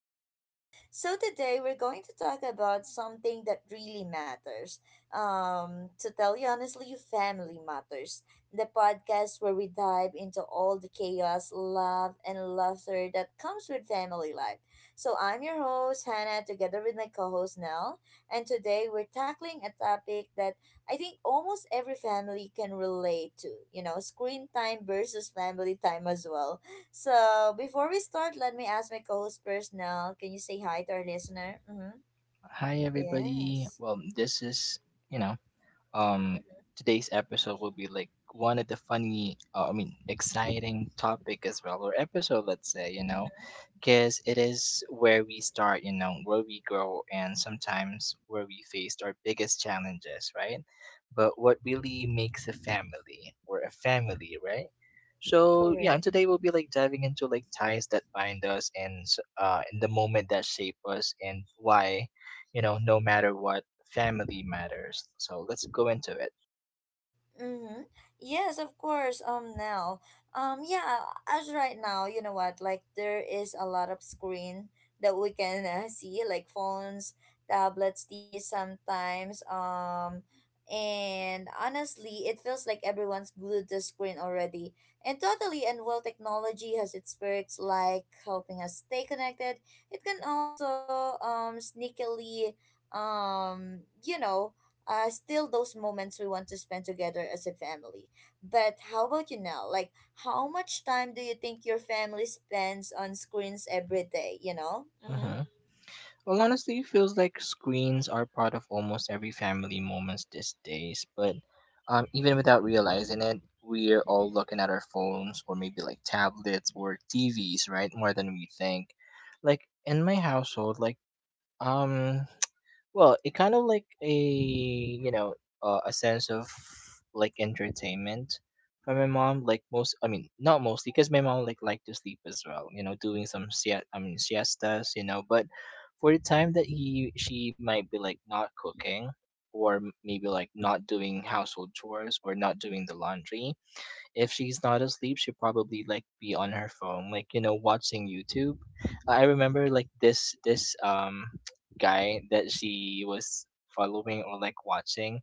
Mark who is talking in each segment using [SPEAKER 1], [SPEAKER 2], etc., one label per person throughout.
[SPEAKER 1] with Nell. So today we're going to talk about something that really matters. To tell you honestly, family matters. The podcast where we dive into all the chaos, love, and laughter that comes with family life. So I'm your host Hannah, together with my co-host Nell, and today we're tackling a topic that I think almost every family can relate to. You know, screen time versus family time as well. So before we start, let me ask my co-host Personnel, can you say hi to our listener? Mm-hmm.
[SPEAKER 2] Hi, everybody.
[SPEAKER 1] Yes.
[SPEAKER 2] Well, this is, you know, um
[SPEAKER 1] Mm-hmm.
[SPEAKER 2] today's episode will be like one of the funny I mean exciting topic as well or episode, let's say, you know, because it is where we start, you know, where we grow, and sometimes where we faced our biggest challenges, right? But what really makes a family or a family, right? So yeah,
[SPEAKER 1] Mm-hmm.
[SPEAKER 2] and today we'll be like diving into like ties that bind us and and the moment that shape us, and why, you know, no matter what, family matters. So let's go into it.
[SPEAKER 1] Mm-hmm. Yes, of course. Um, yeah, as right now, you know what? Like, there is a lot of screen that we can see, like phones, tablets, TV sometimes. And honestly, it feels like everyone's glued to screen already. And totally, and while technology has its perks, like helping us stay connected, it can also sneakily you know still those moments we want to spend together as a family. But how about you now? Like, how much time do you think your family spends on screens every day? You know? Mm-hmm.
[SPEAKER 2] Uh-huh. Well, honestly, it feels like screens are part of almost every family moments these days. But even without realizing it, we're all looking at our phones or maybe like tablets or TVs, right? More than we think. Like in my household, like um, Well, it kind of like a, you know, a sense of like entertainment from my mom. Like most, I mean, not mostly, because my mom like liked to sleep as well. You know, doing some siest, I mean siestas. You know, but for the time that he she might be like not cooking or m- maybe like not doing household chores or not doing the laundry, if she's not asleep, she probably like be on her phone, like, you know, watching YouTube. I remember like this guy that she was following or like watching.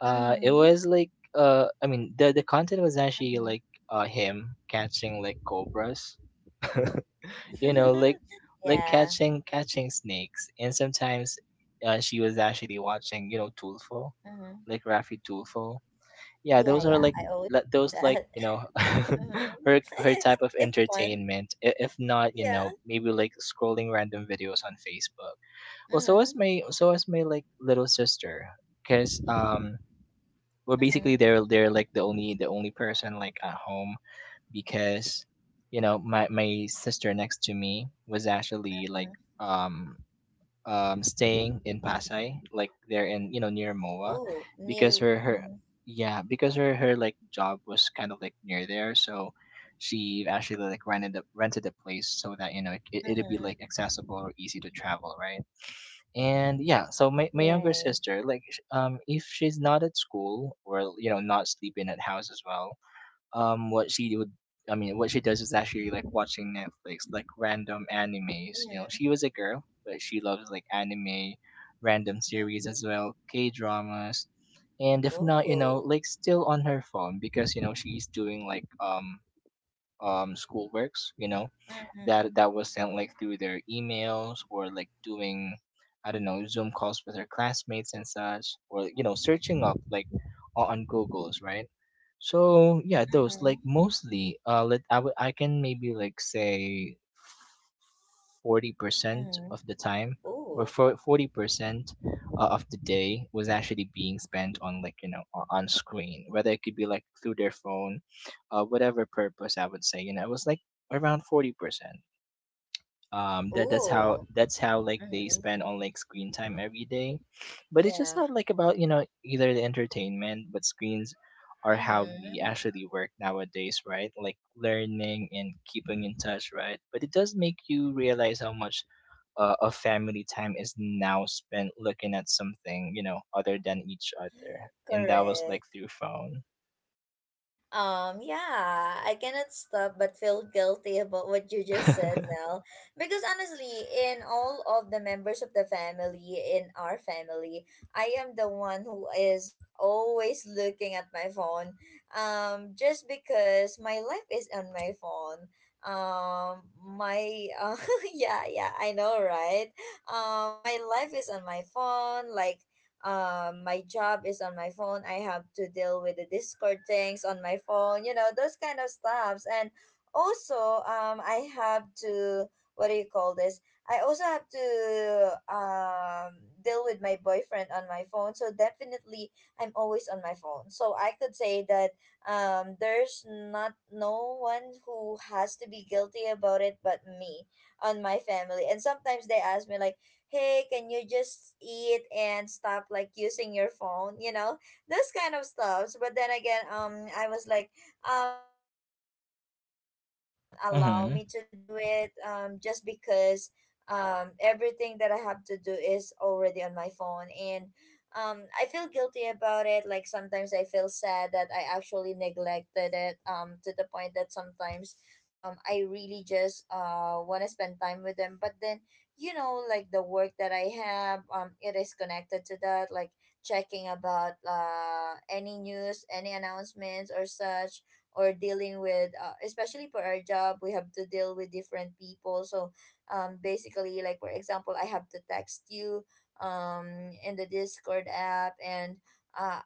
[SPEAKER 2] It
[SPEAKER 1] Mm-hmm.
[SPEAKER 2] was like I mean the content was actually like him catching like cobras, you
[SPEAKER 1] Mm-hmm.
[SPEAKER 2] know, like
[SPEAKER 1] Yeah.
[SPEAKER 2] catching snakes, and sometimes she was actually watching, you know, Tulfo,
[SPEAKER 1] Mm-hmm.
[SPEAKER 2] like Rafi Tulfo. Yeah,
[SPEAKER 1] Yeah,
[SPEAKER 2] those are
[SPEAKER 1] yeah.
[SPEAKER 2] like
[SPEAKER 1] I always
[SPEAKER 2] those,
[SPEAKER 1] do
[SPEAKER 2] like,
[SPEAKER 1] that.
[SPEAKER 2] you know,
[SPEAKER 1] Mm-hmm.
[SPEAKER 2] her her type of
[SPEAKER 1] It's fun.
[SPEAKER 2] entertainment. If not, you know,
[SPEAKER 1] Yeah.
[SPEAKER 2] maybe like scrolling random videos on Facebook. Well, so
[SPEAKER 1] Mm-hmm.
[SPEAKER 2] is my so is my like little sister, because we're basically
[SPEAKER 1] Mm-hmm.
[SPEAKER 2] they're like the only person like at home, because, you know, my sister next to me was actually like,
[SPEAKER 1] Mm-hmm.
[SPEAKER 2] um, um, staying in Pasay, like there in, you know, near MOA,
[SPEAKER 1] Oh,
[SPEAKER 2] because
[SPEAKER 1] near.
[SPEAKER 2] her her
[SPEAKER 1] Mm-hmm.
[SPEAKER 2] yeah because her like job was kind of like near there, so she actually like rented a place so that, you know, it, it'd be
[SPEAKER 1] Mm-hmm.
[SPEAKER 2] like accessible or easy to travel, right? And yeah, so my younger
[SPEAKER 1] Right.
[SPEAKER 2] sister, like if she's not at school or, you know, not sleeping at house as well, what she would I mean what she does is actually like watching Netflix, like random animes. You know,
[SPEAKER 1] Mm-hmm.
[SPEAKER 2] she was a girl, but she loves like anime, random series as
[SPEAKER 1] Mm-hmm.
[SPEAKER 2] well, K dramas, and if not, you know,
[SPEAKER 1] Oh.
[SPEAKER 2] like still on her phone because you know she's doing like schoolworks, you know,
[SPEAKER 1] Mm-hmm.
[SPEAKER 2] that that was sent like through their emails, or like doing, I don't know, Zoom calls with her classmates and such, or, you know, searching up like on Google's, right? So yeah, those like
[SPEAKER 1] Mm-hmm.
[SPEAKER 2] mostly, uh, let I would I can maybe like say 40%
[SPEAKER 1] Mm-hmm.
[SPEAKER 2] of the time, or
[SPEAKER 1] Ooh,
[SPEAKER 2] for 40% of the day was actually being spent on, like, you know, on screen, whether it could be like through their phone, whatever purpose, I would say, you know, it was like around 40%, um, that that's how
[SPEAKER 1] ooh.
[SPEAKER 2] that's how like they
[SPEAKER 1] Mm-hmm.
[SPEAKER 2] spend on like screen time every day. But it's just
[SPEAKER 1] Yeah.
[SPEAKER 2] not like about, you know, either the entertainment, but screens are how we
[SPEAKER 1] Mm-hmm.
[SPEAKER 2] actually work nowadays, right? Like learning and keeping in touch, right? But it does make you realize how much of family time is now spent looking at something, you know, other than each other, and that was like
[SPEAKER 1] Correct.
[SPEAKER 2] through phone.
[SPEAKER 1] Yeah, I cannot stop but feel guilty about what you just said now. Because honestly, in all of the members of the family, in our family, I am the one who is always looking at my phone. Just because my life is on my phone. Um, my, uh, yeah, yeah, I know, right? My life is on my phone. My job is on my phone. I have to deal with the Discord things on my phone, you know, those kind of stuffs. And also, I have to, what do you call this? I also have to deal with my boyfriend on my phone. So definitely, I'm always on my phone. So I could say that there's not no one who has to be guilty about it but me on my family. And sometimes they ask me like, hey, can you just eat and stop like using your phone? You know, those kind of stuffs. But then again, I was like, you know what? Like you have to
[SPEAKER 2] Mm-hmm.
[SPEAKER 1] allow me to do it. Just because everything that I have to do is already on my phone, and I feel guilty about it. Like sometimes I feel sad that I actually neglected it. To the point that sometimes I really just want to spend time with them, but then you know like the work that I have it is connected to that, like checking about any news, any announcements or such, or dealing with especially for our job we have to deal with different people. So basically, like for example, I have to text you um in the discord app, and uh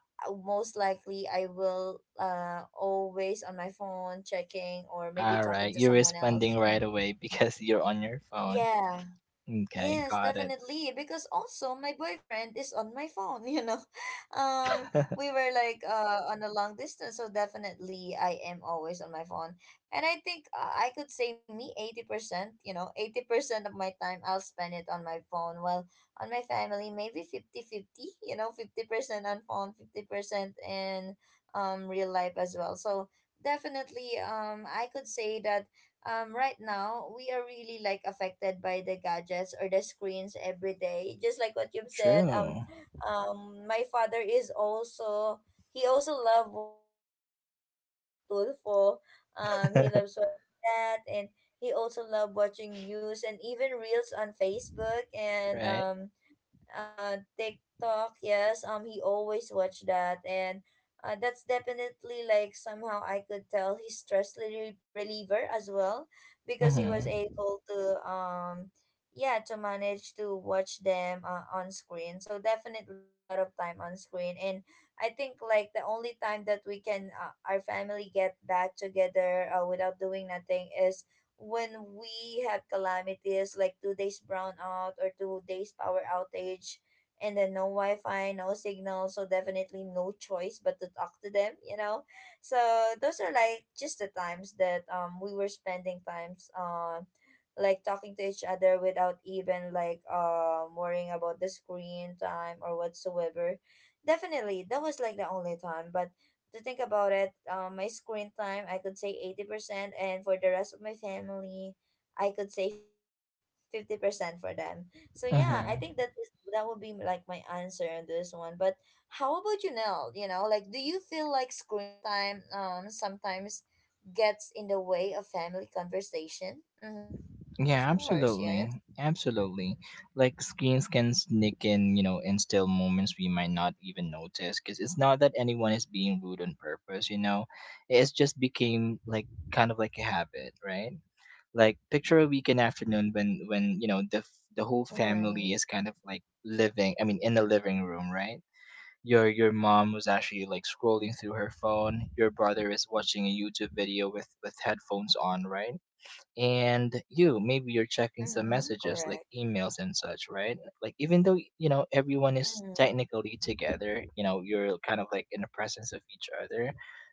[SPEAKER 1] most likely I will always on my phone checking or maybe
[SPEAKER 2] All
[SPEAKER 1] talking
[SPEAKER 2] right,
[SPEAKER 1] to
[SPEAKER 2] you're
[SPEAKER 1] someone
[SPEAKER 2] responding
[SPEAKER 1] else, you
[SPEAKER 2] right
[SPEAKER 1] know.
[SPEAKER 2] away because you're on your phone.
[SPEAKER 1] Yeah.
[SPEAKER 2] Okay,
[SPEAKER 1] Yes,
[SPEAKER 2] got it.
[SPEAKER 1] definitely. Because also my boyfriend is on my phone, you know. Um, we were like on a long distance, so definitely I am always on my phone. And I think I could say me 80%, you know, 80% of my time I'll spend it on my phone. Well, on my family maybe 50 50. You know, 50% on phone, 50% in real life as well. So definitely I could say that right now we are really like affected by the gadgets or the screens every day, just like what you've said.
[SPEAKER 2] True.
[SPEAKER 1] My father is also, he also loved watching stuff such as Tulfo. He loves watching that, and he also loved watching news and even reels on Facebook and
[SPEAKER 2] Right.
[SPEAKER 1] TikTok. Yes, he always watched that, and that's definitely like somehow I could tell he's stress reliever as well, because he was
[SPEAKER 2] Mm-hmm.
[SPEAKER 1] able to yeah to manage to watch them on screen. So definitely a lot of time on screen. And I think like the only time that we can our family get back together without doing nothing is when we have calamities like 2 days brownout or 2 days power outage, and then no wi-fi, no signal, so definitely no choice but to talk to them, you know. So those are like just the times that we were spending times like talking to each other without even like worrying about the screen time or whatsoever. Definitely that was like the only time. But to think about it, my screen time I could say 80%, and for the rest of my family, I could say 50% for them. So yeah, I
[SPEAKER 2] Mm-hmm.
[SPEAKER 1] think that is, that would be like my answer on this one. But how about you, Nell? You know, like do you feel like screen time sometimes gets in the way of family conversation? Mm-hmm. Of
[SPEAKER 2] Yeah,
[SPEAKER 1] course, yes.
[SPEAKER 2] absolutely. Absolutely. Like screens can sneak in, you know, in still moments we might not even notice, because it's not that anyone is being rude on purpose, you know. It's just became like kind of like a habit, right? Like picture a weekend afternoon when, you know, the whole family
[SPEAKER 1] Right.
[SPEAKER 2] is kind of like living, I mean in the
[SPEAKER 1] Mm-hmm.
[SPEAKER 2] living room, right? Your mom was actually like scrolling through her phone, your brother is watching a YouTube video with headphones on, right? And you maybe you're checking some
[SPEAKER 1] Mm-hmm.
[SPEAKER 2] messages
[SPEAKER 1] Correct.
[SPEAKER 2] like emails and such, right? Like even though, you know, everyone is
[SPEAKER 1] Mm-hmm.
[SPEAKER 2] technically together, you know, you're kind of like in the presence of each other,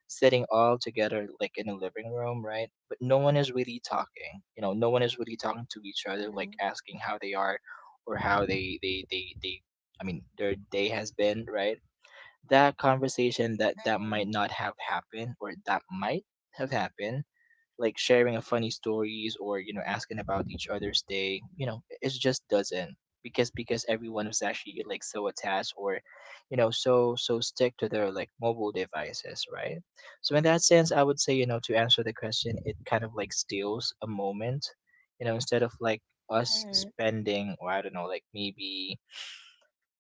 [SPEAKER 2] sitting all together like in a living room, right? But no one is really talking, you know, no one is really talking to each other, like
[SPEAKER 1] Mm-hmm.
[SPEAKER 2] asking how they are, or how they, I mean, their day has been, right? That conversation that
[SPEAKER 1] Mm-hmm.
[SPEAKER 2] might not have happened, or that might have happened, like sharing a funny stories, or, you know, asking about each other's day, you know, it just doesn't, because everyone is actually like so attached, or, you know, so stick to their like mobile devices, right? So in that sense, I would say, you know, to answer the question, it kind of like steals a moment, you know, instead of like us
[SPEAKER 1] Mm-hmm.
[SPEAKER 2] spending, or I don't know, like maybe,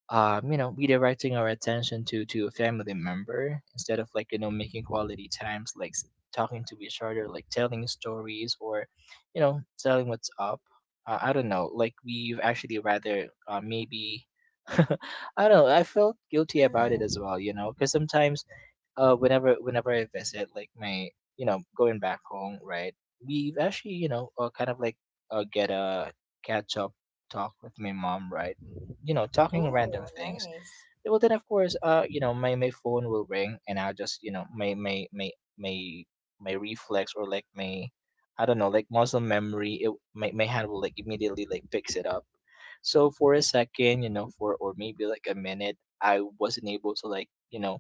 [SPEAKER 2] you know, redirecting our attention to a family member, instead of like, you know, making quality times like talking to each other, like telling stories, or, you know, telling what's up. I don't know. Like we've actually rather maybe. I don't know. I felt guilty about it
[SPEAKER 1] Mm-hmm.
[SPEAKER 2] as well, you know, because sometimes whenever I visit like my, you know, going back home, right? We've actually, you know, kind of like get a catch up talk with my mom, right? You know, talking random
[SPEAKER 1] Ooh,
[SPEAKER 2] things.
[SPEAKER 1] nice.
[SPEAKER 2] Well, then of course, uh, you know, my phone will ring, and I'll just, you know, my my reflex, or like my, I don't know, like muscle memory, it, my hand will like immediately like picks it up. So for a second, you know, for, or maybe like a minute, I wasn't able to, like, you know,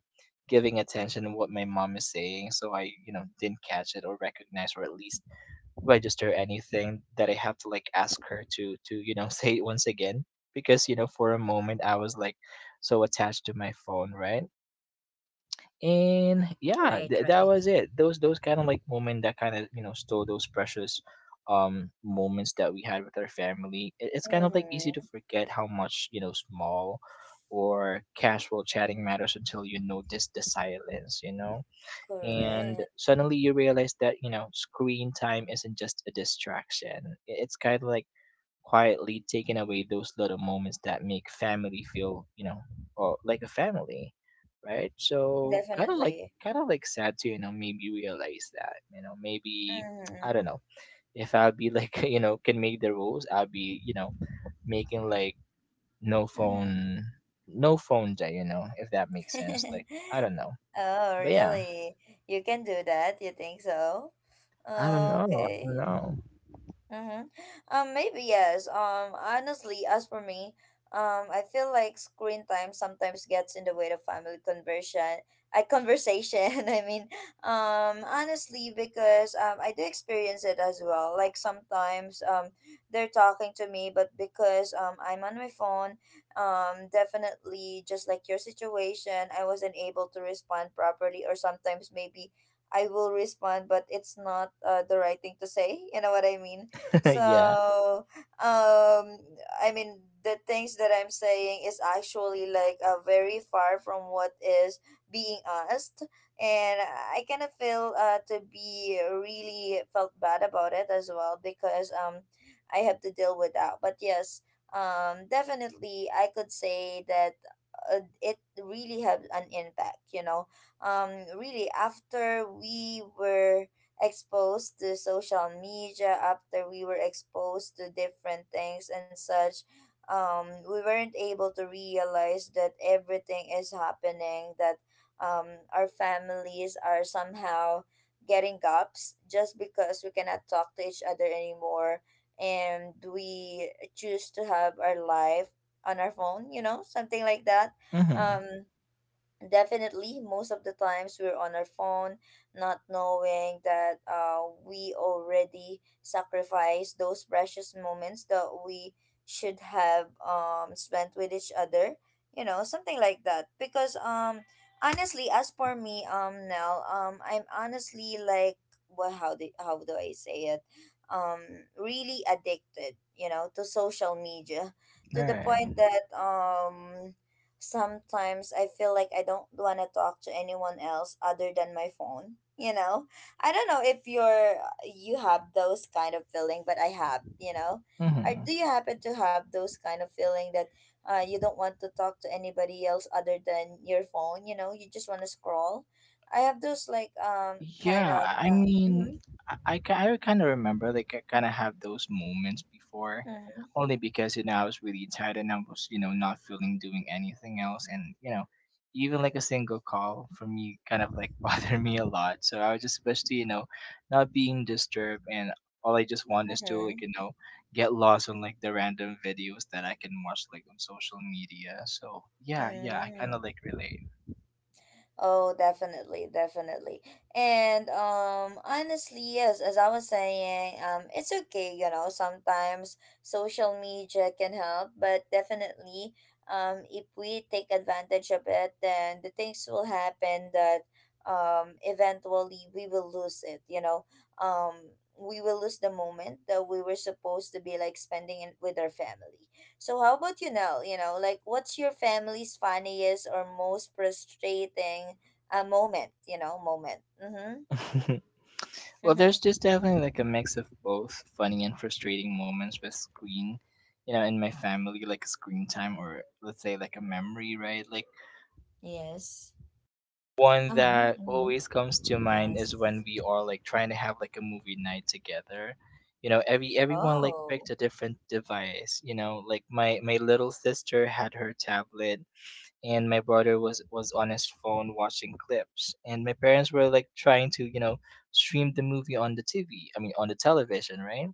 [SPEAKER 2] giving attention to what my mom is saying, so I, you know, didn't catch it or recognize, or at least register anything that I have to like ask her to you know say it once again, because, you know, for a moment I was like so attached to my phone, right? And yeah,
[SPEAKER 1] Right,
[SPEAKER 2] that was
[SPEAKER 1] right.
[SPEAKER 2] it. Those kind of like moment that kind of, you know, stole those precious moments that we had with our family. It, it's kind of like easy to
[SPEAKER 1] Mm-hmm.
[SPEAKER 2] forget how much, you know, small or casual chatting matters until you notice the silence, you know. And
[SPEAKER 1] Correct.
[SPEAKER 2] suddenly you realize that, you know, screen time isn't just a distraction. It's kind of like quietly taking away those little moments that make family feel, you know, or like a family, right? So kind of like,
[SPEAKER 1] Definitely.
[SPEAKER 2] kind of like sad to, you know, maybe realize that, you know, maybe I
[SPEAKER 1] Mm-hmm.
[SPEAKER 2] don't know, if I'll be like you know can make the rules, I'll be, you know, making like no phone, no phone day, you know, if that makes sense, like,
[SPEAKER 1] Mm-hmm.
[SPEAKER 2] I don't know.
[SPEAKER 1] Oh,
[SPEAKER 2] But yeah,
[SPEAKER 1] really? You can do that? You think so?
[SPEAKER 2] I don't know, I don't
[SPEAKER 1] Okay.
[SPEAKER 2] know.
[SPEAKER 1] Mm-hmm. Maybe yes. Honestly, as for me, I feel like screen time sometimes gets in the way of family conversion. I conversation. I mean, honestly, because I do experience it as well. Like sometimes they're talking to me, but because I'm on my phone, definitely just like your situation, I wasn't able to respond properly, or sometimes maybe. I will respond, but it's not the right thing to say. You know what I mean?
[SPEAKER 2] Yeah.
[SPEAKER 1] So, um, I mean, the things that I'm saying is actually like very far from what is being asked, and I kind of feel to be really felt bad about it as well, because I have to deal with that. But yes, definitely, I could say that. It really had an impact, you know. Really, after we were exposed to social media, after we were exposed to different things and such, we weren't able to realize that everything is happening, that um our families are somehow getting gaps just because we cannot talk to each other anymore, and we choose to have our life on our phone, you know, something like that.
[SPEAKER 2] Mhm.
[SPEAKER 1] um Definitely, most of the times we're on our phone, not knowing that we already sacrificed those precious moments that we should have spent with each other, you know, something like that. Because honestly, as for me, I'm honestly like, well, how do I say it? Um, really addicted, you know, to social media, to the point
[SPEAKER 2] Right.
[SPEAKER 1] that sometimes I feel like I don't want to talk to anyone else other than my phone. You know, I don't know if you have those kind of feeling, but I have. You know, or
[SPEAKER 2] Mhm.
[SPEAKER 1] do you happen to have those kind of feeling that you don't want to talk to anybody else other than your phone? You know, you just want to scroll. I have those like
[SPEAKER 2] Yeah. I mean,
[SPEAKER 1] mm-hmm,
[SPEAKER 2] I kind of remember like I kind of have those moments before,
[SPEAKER 1] mm-hmm,
[SPEAKER 2] only because, you know, I was really tired and I was, you know, not feeling doing anything else, and you know even like a single call from me kind of like bothered me a lot. So I was just wish to, you know, not being disturbed. And all I just want is to,
[SPEAKER 1] mm-hmm,
[SPEAKER 2] like, you know, get lost on like the random videos that I can watch like on social media. So yeah, yeah, I kind
[SPEAKER 1] mm-hmm.
[SPEAKER 2] of like relate.
[SPEAKER 1] Oh, definitely, definitely. And honestly, yes, as I was saying, it's okay, you know, sometimes social media can help, but definitely if we take advantage of it, then the things will happen, that eventually we will lose it, you know. Um we will lose the moment that we were supposed to be like spending it with our family. So how about you now? You know, like what's your family's funniest or most frustrating moment? Mm-hmm.
[SPEAKER 2] Well, there's just definitely like a mix of both funny and frustrating moments with screen, you know, in my family, like screen time, or let's say like a memory, right? Like
[SPEAKER 1] Yes.
[SPEAKER 2] one
[SPEAKER 1] Uh huh.
[SPEAKER 2] that
[SPEAKER 1] Hmm.
[SPEAKER 2] always comes to mind is when
[SPEAKER 1] Yes.
[SPEAKER 2] we are like trying to have like a movie night together. You know, everyone like picked
[SPEAKER 1] Oh.
[SPEAKER 2] a different device, you know, like my little sister had her tablet, and my brother was on his phone watching clips, and my parents were like trying to, you know, stream the movie on the TV. I mean, on the television, right?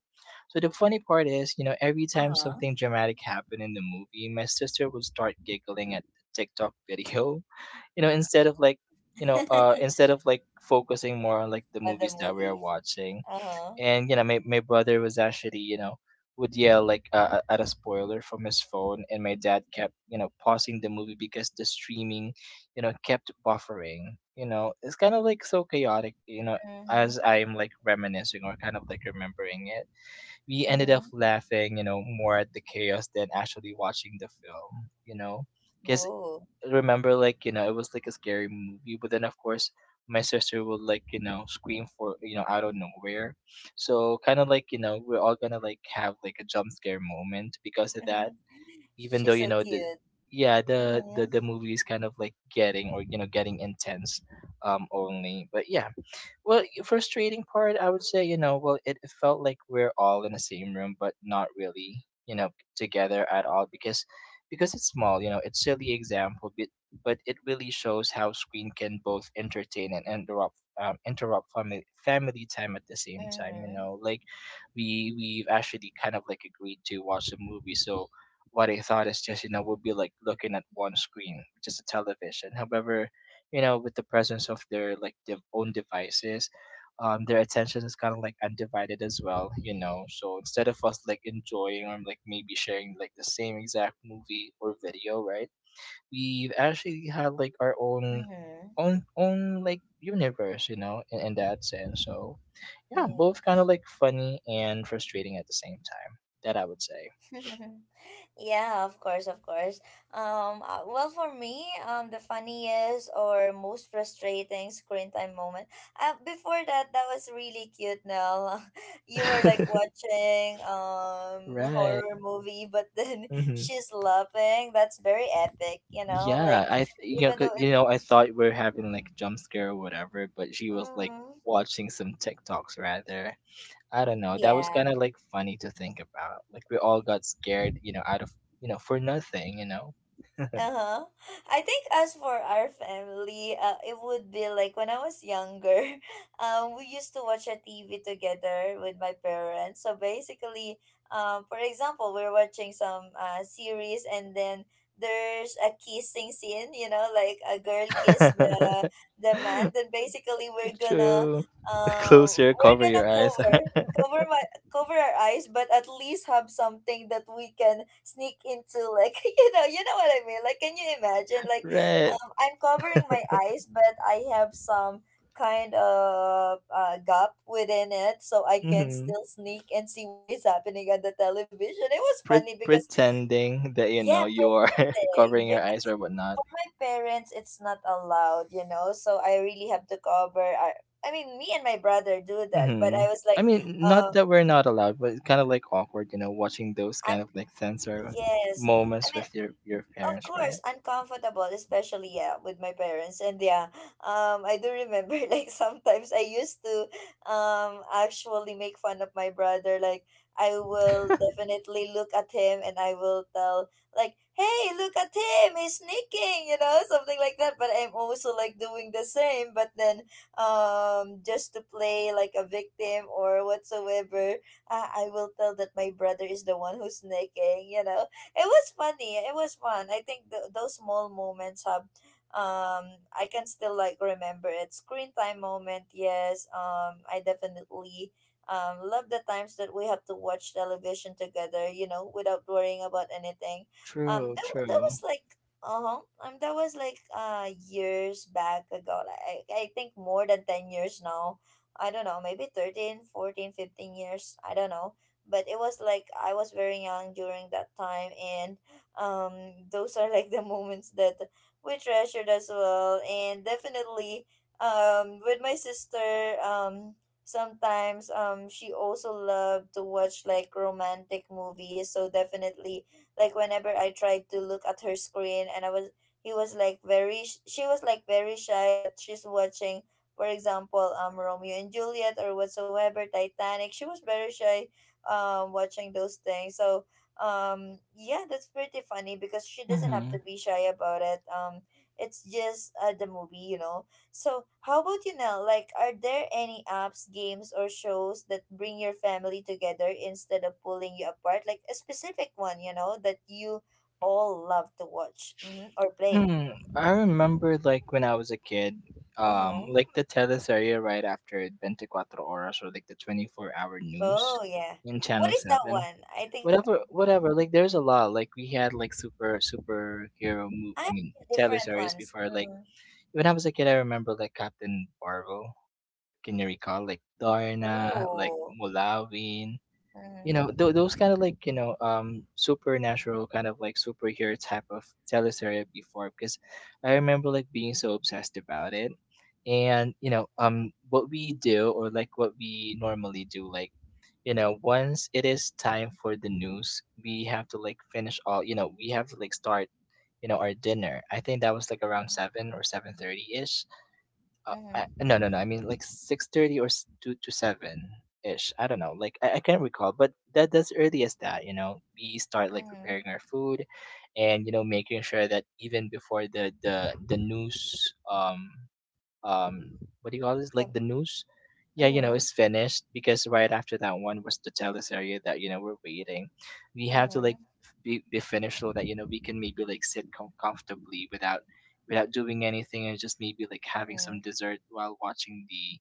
[SPEAKER 2] So the funny part is, you know, every
[SPEAKER 1] Uh
[SPEAKER 2] time
[SPEAKER 1] huh.
[SPEAKER 2] something dramatic happened in the movie, my sister would start giggling at the TikTok video. You know, instead of like, instead of like focusing more on like the
[SPEAKER 1] On the
[SPEAKER 2] movies that we are
[SPEAKER 1] movie.
[SPEAKER 2] watching.
[SPEAKER 1] Uh huh.
[SPEAKER 2] And you know, my brother was actually, you know, would yell like, at a spoiler from his phone, and my dad kept, you know, pausing the movie because the streaming, you know, kept buffering. You know, it's kind of like so chaotic, you know,
[SPEAKER 1] Mm-hmm.
[SPEAKER 2] as I'm like reminiscing or kind of like remembering it. We ended up
[SPEAKER 1] Mm-hmm.
[SPEAKER 2] laughing, you know, more at the chaos than actually watching the film, you know, because,
[SPEAKER 1] Whoa.
[SPEAKER 2] remember, like, you know, it was like a scary movie, but then of course my sister would like, you know, scream for, you know, out of nowhere. So kind of like, you know, we're all gonna like have like a jump scare moment because of that, even though,
[SPEAKER 1] She's
[SPEAKER 2] you
[SPEAKER 1] so
[SPEAKER 2] know, the
[SPEAKER 1] cute.
[SPEAKER 2] yeah, the the,
[SPEAKER 1] Mm-hmm.
[SPEAKER 2] the movie is kind of like getting, or you know, getting intense. Only but yeah. Well, frustrating part, I would say, you know, well, it felt like we're all in the same room, but not really, you know, together at all because it's small, you know, it's silly example, but it really shows how screen can both entertain and interrupt family time at the same time. You
[SPEAKER 1] Mm-hmm.
[SPEAKER 2] know, like we've actually kind of like agreed to watch a movie, so what I thought is just, you know, we'll be like looking at one screen, which is a television. However, you know, with the presence of their like their own devices, their attention is kind of like undivided as well, you know. So instead of us like enjoying or like maybe sharing like the same exact movie or video, right, we've actually had like our own
[SPEAKER 1] Mm-hmm.
[SPEAKER 2] own own like universe, you know, in that sense. So yeah, both kind of
[SPEAKER 1] Yes.
[SPEAKER 2] like funny and frustrating at the same time, that I would say.
[SPEAKER 1] Yeah, of course, of course. Well, for me, the funniest or most frustrating screen time moment. Before that, that was really cute. Now, you were like watching
[SPEAKER 2] Right.
[SPEAKER 1] horror movie, but then
[SPEAKER 2] Mm-hmm.
[SPEAKER 1] she's laughing. That's very epic, you know. Like
[SPEAKER 2] Yeah, you know,
[SPEAKER 1] even though it,
[SPEAKER 2] you know, I thought we were having like a jump scare or whatever, but she was like
[SPEAKER 1] mm,
[SPEAKER 2] watching some TikToks rather. I don't know. That was
[SPEAKER 1] yeah.
[SPEAKER 2] kind of like funny to think about. Like we all got scared, you know, out of, you know, for nothing, you know.
[SPEAKER 1] Uh-huh. I think as for our family, it would be like when I was younger, we used to watch a TV together with my parents. So basically, for example, we're watching some series, and then there's a kissing scene, you know, like a girl kiss the man. Then basically,
[SPEAKER 2] True. Close your
[SPEAKER 1] we're
[SPEAKER 2] cover your
[SPEAKER 1] gonna
[SPEAKER 2] eyes.
[SPEAKER 1] cover my cover our eyes, but at least have something that we can sneak into, like you know what I mean? Like, can you imagine? Like,
[SPEAKER 2] Right.
[SPEAKER 1] I'm covering my eyes, but I have some kind of gap within it, so I can
[SPEAKER 2] Hmm.
[SPEAKER 1] still sneak and see what is happening on the television. It was funny
[SPEAKER 2] Pre-
[SPEAKER 1] because
[SPEAKER 2] pretending that you
[SPEAKER 1] yeah,
[SPEAKER 2] know you're
[SPEAKER 1] pretending.
[SPEAKER 2] covering your eyes
[SPEAKER 1] Because
[SPEAKER 2] or whatnot.
[SPEAKER 1] my parents, it's not allowed, you know, so I really have to cover. I mean, me and my brother do that, but
[SPEAKER 2] Hmm.
[SPEAKER 1] I was
[SPEAKER 2] I
[SPEAKER 1] like,
[SPEAKER 2] mean, not
[SPEAKER 1] uh
[SPEAKER 2] that we're not allowed, but it's kind of like awkward, you know, watching those kind of like censor
[SPEAKER 1] yes. I
[SPEAKER 2] moments
[SPEAKER 1] mean,
[SPEAKER 2] with your
[SPEAKER 1] of
[SPEAKER 2] parents,
[SPEAKER 1] course,
[SPEAKER 2] right?
[SPEAKER 1] uncomfortable, especially yeah, with my parents. And yeah, I do remember like sometimes I used to actually make fun of my brother. Like, I will definitely look at him and I will tell like, "Hey, look at him! He's sneaking," you know, something like that. But I'm also like doing the same. But then just to play like a victim or whatsoever, I will tell that my brother is the one who's sneaking. It was funny. It was fun. I think those small moments have I can still like remember it. Screen time moment, yes. I definitely love the times that we have to watch television together, you know, without worrying about anything.
[SPEAKER 2] True,
[SPEAKER 1] That
[SPEAKER 2] true.
[SPEAKER 1] was like. Uh-huh. That was like years back ago. Like, I think more than 10 years now. I don't know, maybe 13, 14, 15 years. I don't know, but it was like I was very young during that time, and um, those are like the moments that we treasured as well, and definitely with my sister. Sometimes she also loved to watch like romantic movies, so definitely, like, whenever I tried to look at her screen and I was he was like very sh- she was like very shy that she's watching, for example, Romeo and Juliet or whatsoever, Titanic. She was very shy watching those things, so yeah, that's pretty funny because she doesn't have to
[SPEAKER 2] Mm-hmm.
[SPEAKER 1] be shy about it. It's just the movie, you know. So how about you now? Like, are there any apps, games, or shows that bring your family together instead of pulling you apart? Like a specific one, you know, that you all love to watch, mm-hmm, or play?
[SPEAKER 2] Hmm. I remember like when I was a kid,
[SPEAKER 1] Uh-huh.
[SPEAKER 2] like the teleserie right after it, 24 Horas, or like the 24-hour news
[SPEAKER 1] Oh yeah.
[SPEAKER 2] in
[SPEAKER 1] What
[SPEAKER 2] Channel
[SPEAKER 1] is that
[SPEAKER 2] 7.
[SPEAKER 1] one? I think
[SPEAKER 2] Whatever,
[SPEAKER 1] mm-hmm.
[SPEAKER 2] whatever. Like there's a lot. Like we had like superhero move.
[SPEAKER 1] I
[SPEAKER 2] I
[SPEAKER 1] have
[SPEAKER 2] mean,
[SPEAKER 1] different
[SPEAKER 2] teleseries
[SPEAKER 1] ones.
[SPEAKER 2] before. Like
[SPEAKER 1] Mm.
[SPEAKER 2] when I was a kid, I remember like Captain Marvel. Can you recall like Darna, like
[SPEAKER 1] Ooh.
[SPEAKER 2] Mulawin, you know, those kind of like, you know, supernatural kind of like superhero type of teleserie before, because I remember like being so obsessed about it. And, you know,
[SPEAKER 1] Mm.
[SPEAKER 2] what we do or like what we normally do, like, you know, once it is time for the news, we have to like finish all, you know, we have to like start, you know, our dinner. I think that was like around
[SPEAKER 1] Mhm,
[SPEAKER 2] 7 or 7:30ish.
[SPEAKER 1] mhm,
[SPEAKER 2] I, no, no, no. I mean, like 6:30 or two to seven ish. I don't know. Like I can't recall, but that that's early as that. You know, we start like
[SPEAKER 1] mhm.
[SPEAKER 2] preparing our food, and you know, making sure that even before the news, um, um what do you call this, like
[SPEAKER 1] Come.
[SPEAKER 2] the news, yeah, you know,
[SPEAKER 1] Mhm,
[SPEAKER 2] it's finished, because right after that one was the tell that you know we're waiting. We have to like
[SPEAKER 1] mhm,
[SPEAKER 2] be finished so that you know we can maybe like sit comfortably without, without doing anything, and just maybe like having some
[SPEAKER 1] mhm.
[SPEAKER 2] dessert while watching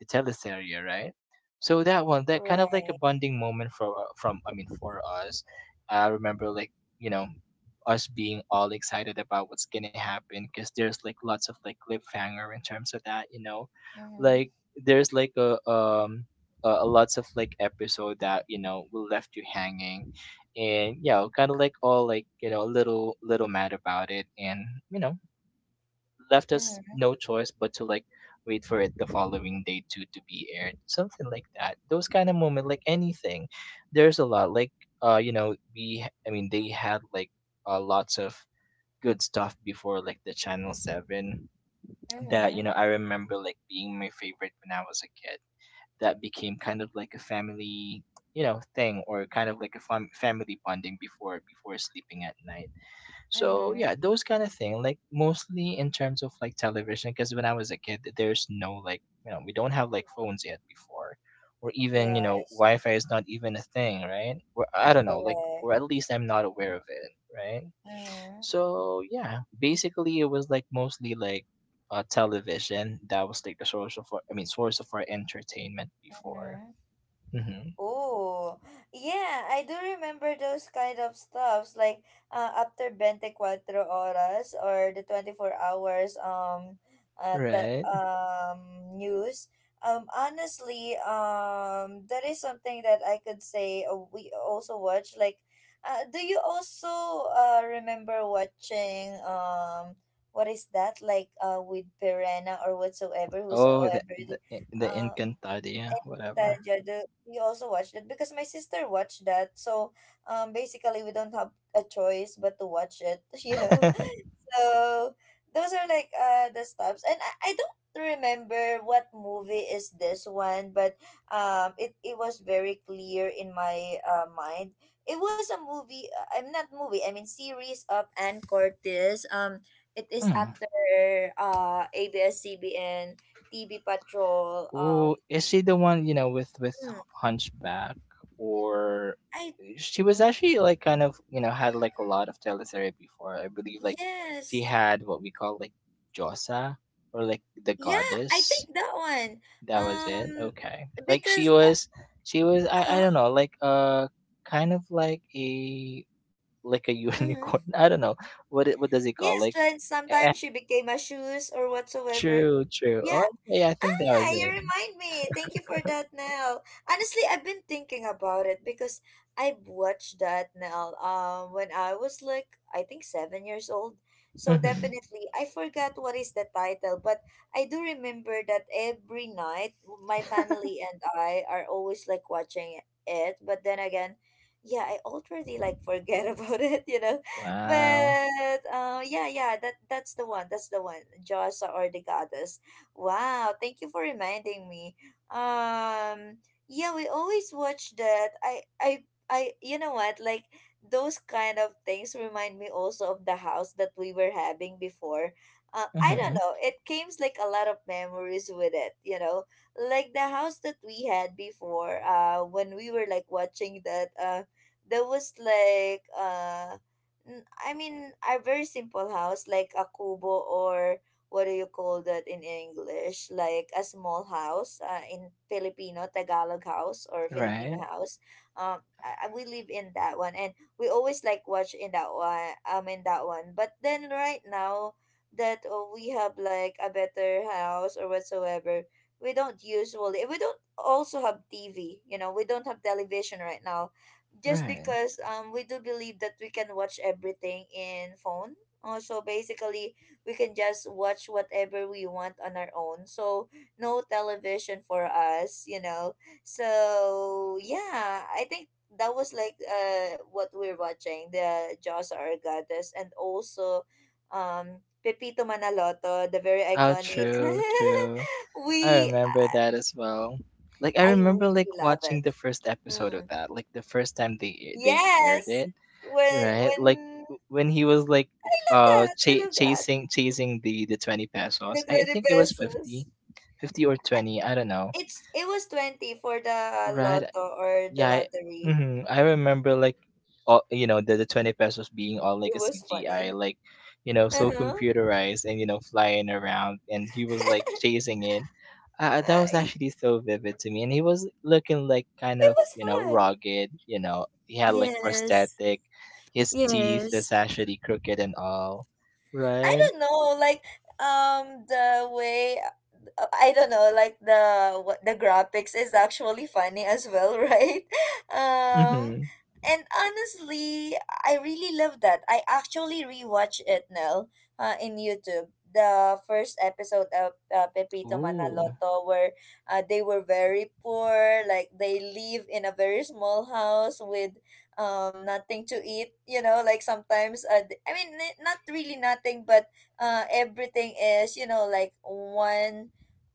[SPEAKER 2] the teleserie, right. So that one, that kind of like a
[SPEAKER 1] Right.
[SPEAKER 2] bonding moment for, from, I mean, for us. I remember like, you know, us being all excited about what's gonna happen because there's like lots of like cliffhanger in terms of that, you know,
[SPEAKER 1] Mhm,
[SPEAKER 2] like there's like a um, a lots of like episode that you know will left you hanging, and you know kind of like all like you know a little mad about it, and you know left us
[SPEAKER 1] mhm,
[SPEAKER 2] no choice but to like wait for it the following day to be aired, something like that. Those kind of moment, like anything, there's a lot, like, uh, you know, I mean, they had like, lots of good stuff before, like the Channel 7 that, you know,
[SPEAKER 1] mhm,
[SPEAKER 2] I remember like being my favorite when I was a kid. That became kind of like a family, you know, thing or kind of like a family bonding before, before sleeping at night. So,
[SPEAKER 1] mhm.
[SPEAKER 2] yeah, those kind of thing, like mostly in terms of like television, because when I was a kid there's no like, you know, we don't have like phones yet before, or even you know
[SPEAKER 1] Yes.
[SPEAKER 2] Wi-Fi is not even a thing, right, or I don't know, like, or
[SPEAKER 1] Correct.
[SPEAKER 2] at least I'm not aware of it, right.
[SPEAKER 1] Mhm,
[SPEAKER 2] So yeah, basically it was like mostly like, uh, television that was like the source of our, I mean source of our entertainment before.
[SPEAKER 1] mhm.
[SPEAKER 2] Hmm.
[SPEAKER 1] Oh, yeah, I do remember those kind of stuffs, like, after 24 horas or the 24 hours the
[SPEAKER 2] Right.
[SPEAKER 1] news. Honestly, that is something that I could say, we also watch, like, do you also remember watching, what is that like, with Perena or whatsoever,
[SPEAKER 2] Oh, the
[SPEAKER 1] whosoever
[SPEAKER 2] the the
[SPEAKER 1] uh
[SPEAKER 2] Encantadia, whatever.
[SPEAKER 1] Tadjado? We also watched it because my sister watched that. So, basically, we don't have a choice but to watch it, you know. So, those are like the stops, and I don't remember what movie is this one, but it was very clear in my mind. It was a movie. I'm not movie. I mean series of Ann Cortez. It is
[SPEAKER 2] Mm.
[SPEAKER 1] after ABS-CBN TV Patrol.
[SPEAKER 2] Oh, is she the one you know with
[SPEAKER 1] Mm.
[SPEAKER 2] Hunchback? Or
[SPEAKER 1] I
[SPEAKER 2] she was actually like kind of you know had like a lot of teleseries before. I believe like she
[SPEAKER 1] Yes.
[SPEAKER 2] had what we call like Josa, or like the
[SPEAKER 1] Yeah, I
[SPEAKER 2] goddess.
[SPEAKER 1] think that one.
[SPEAKER 2] That was it.
[SPEAKER 1] Um,
[SPEAKER 2] Okay. Like she
[SPEAKER 1] because
[SPEAKER 2] was, she was,
[SPEAKER 1] uh,
[SPEAKER 2] I don't
[SPEAKER 1] uh
[SPEAKER 2] know, like, uh, kind of like a, like a
[SPEAKER 1] mm-hmm.
[SPEAKER 2] unicorn. I don't know. What it, what does it call?
[SPEAKER 1] Yes,
[SPEAKER 2] Like,
[SPEAKER 1] like
[SPEAKER 2] eh, eh,
[SPEAKER 1] sometimes she became a shoes or whatsoever.
[SPEAKER 2] true, true. Oh
[SPEAKER 1] Yeah,
[SPEAKER 2] yeah, I think that
[SPEAKER 1] yeah,
[SPEAKER 2] was
[SPEAKER 1] you
[SPEAKER 2] it.
[SPEAKER 1] remind me. Thank you for that, Nell. Honestly, I've been thinking about it because I watched that, Nell, when I was like, I think 7 years old. So
[SPEAKER 2] Hmm.
[SPEAKER 1] definitely, I forgot what is the title, but I do remember that every night my family and I are always like watching it. But then again, yeah, I already like forget about it, you know.
[SPEAKER 2] Wow.
[SPEAKER 1] But yeah, yeah, that's the one. That's the one. Jossa or the goddess. Wow, thank you for reminding me. Um, yeah, we always watch that. I you know what? Like, those kind of things remind me also of the house that we were having before. I don't
[SPEAKER 2] Hmm.
[SPEAKER 1] know. It came like a lot of memories with it, you know. Like the house that we had before, when we were like watching that, there was like I mean, a very simple house like a kubo, or what do you call that in English? Like a small house, in Filipino. Tagalog house or Filipino
[SPEAKER 2] Right.
[SPEAKER 1] house. We live in that one, and we always like watch in that one. In that one. But then, right now that, we have like a better house or whatsoever, we don't usually. We don't also have TV. You know, we don't have television right now, just
[SPEAKER 2] Right.
[SPEAKER 1] because we do believe that we can watch everything in phone. So basically, we can just watch whatever we want on our own. So no television for us, you know. So yeah, I think that was like what we're watching, the Jaws Our Goddess, and also Pepito Manaloto, the very
[SPEAKER 2] Oh
[SPEAKER 1] iconic.
[SPEAKER 2] true, true. I
[SPEAKER 1] we
[SPEAKER 2] remember that as well. Like I
[SPEAKER 1] I
[SPEAKER 2] remember like
[SPEAKER 1] really love
[SPEAKER 2] watching
[SPEAKER 1] it.
[SPEAKER 2] the first episode of
[SPEAKER 1] Mm.
[SPEAKER 2] that, like the first time they aired
[SPEAKER 1] Yes.
[SPEAKER 2] it.
[SPEAKER 1] When
[SPEAKER 2] Right? Like
[SPEAKER 1] when
[SPEAKER 2] when he was like
[SPEAKER 1] I
[SPEAKER 2] f-
[SPEAKER 1] love
[SPEAKER 2] uh
[SPEAKER 1] that. I
[SPEAKER 2] cha-
[SPEAKER 1] love that.
[SPEAKER 2] chasing chasing the 20
[SPEAKER 1] The
[SPEAKER 2] pesos. I
[SPEAKER 1] 20
[SPEAKER 2] think it was 50,
[SPEAKER 1] pesos.
[SPEAKER 2] 50 or 20, I don't know.
[SPEAKER 1] It was 20 for the
[SPEAKER 2] Right?
[SPEAKER 1] lotto or the
[SPEAKER 2] Yeah,
[SPEAKER 1] lottery.
[SPEAKER 2] mhm, I remember like all you know the 20 pesos being all like
[SPEAKER 1] It
[SPEAKER 2] a
[SPEAKER 1] was
[SPEAKER 2] CGI,
[SPEAKER 1] funny.
[SPEAKER 2] like you know so
[SPEAKER 1] Uh-huh.
[SPEAKER 2] computerized and you know flying around, and he was like chasing it.
[SPEAKER 1] Uh,
[SPEAKER 2] That was
[SPEAKER 1] it
[SPEAKER 2] actually so vivid to me, and he was looking like kind
[SPEAKER 1] it
[SPEAKER 2] of
[SPEAKER 1] was
[SPEAKER 2] you know
[SPEAKER 1] fun.
[SPEAKER 2] rugged. You know, he had like
[SPEAKER 1] Yes.
[SPEAKER 2] prosthetic, his teeth
[SPEAKER 1] Yes.
[SPEAKER 2] is actually crooked and all,
[SPEAKER 1] I
[SPEAKER 2] right?
[SPEAKER 1] don't know, like, the way, I don't know, like, the what, the graphics is actually funny as well, right? Um
[SPEAKER 2] Mm-hmm.
[SPEAKER 1] and honestly, I really love that. I actually rewatch it now, in YouTube. The first episode of Pepito
[SPEAKER 2] Ooh.
[SPEAKER 1] Manaloto, where they were very poor, like they live in a very small house with nothing to eat, you know, like sometimes, I mean, not really nothing, but everything is, you know, like one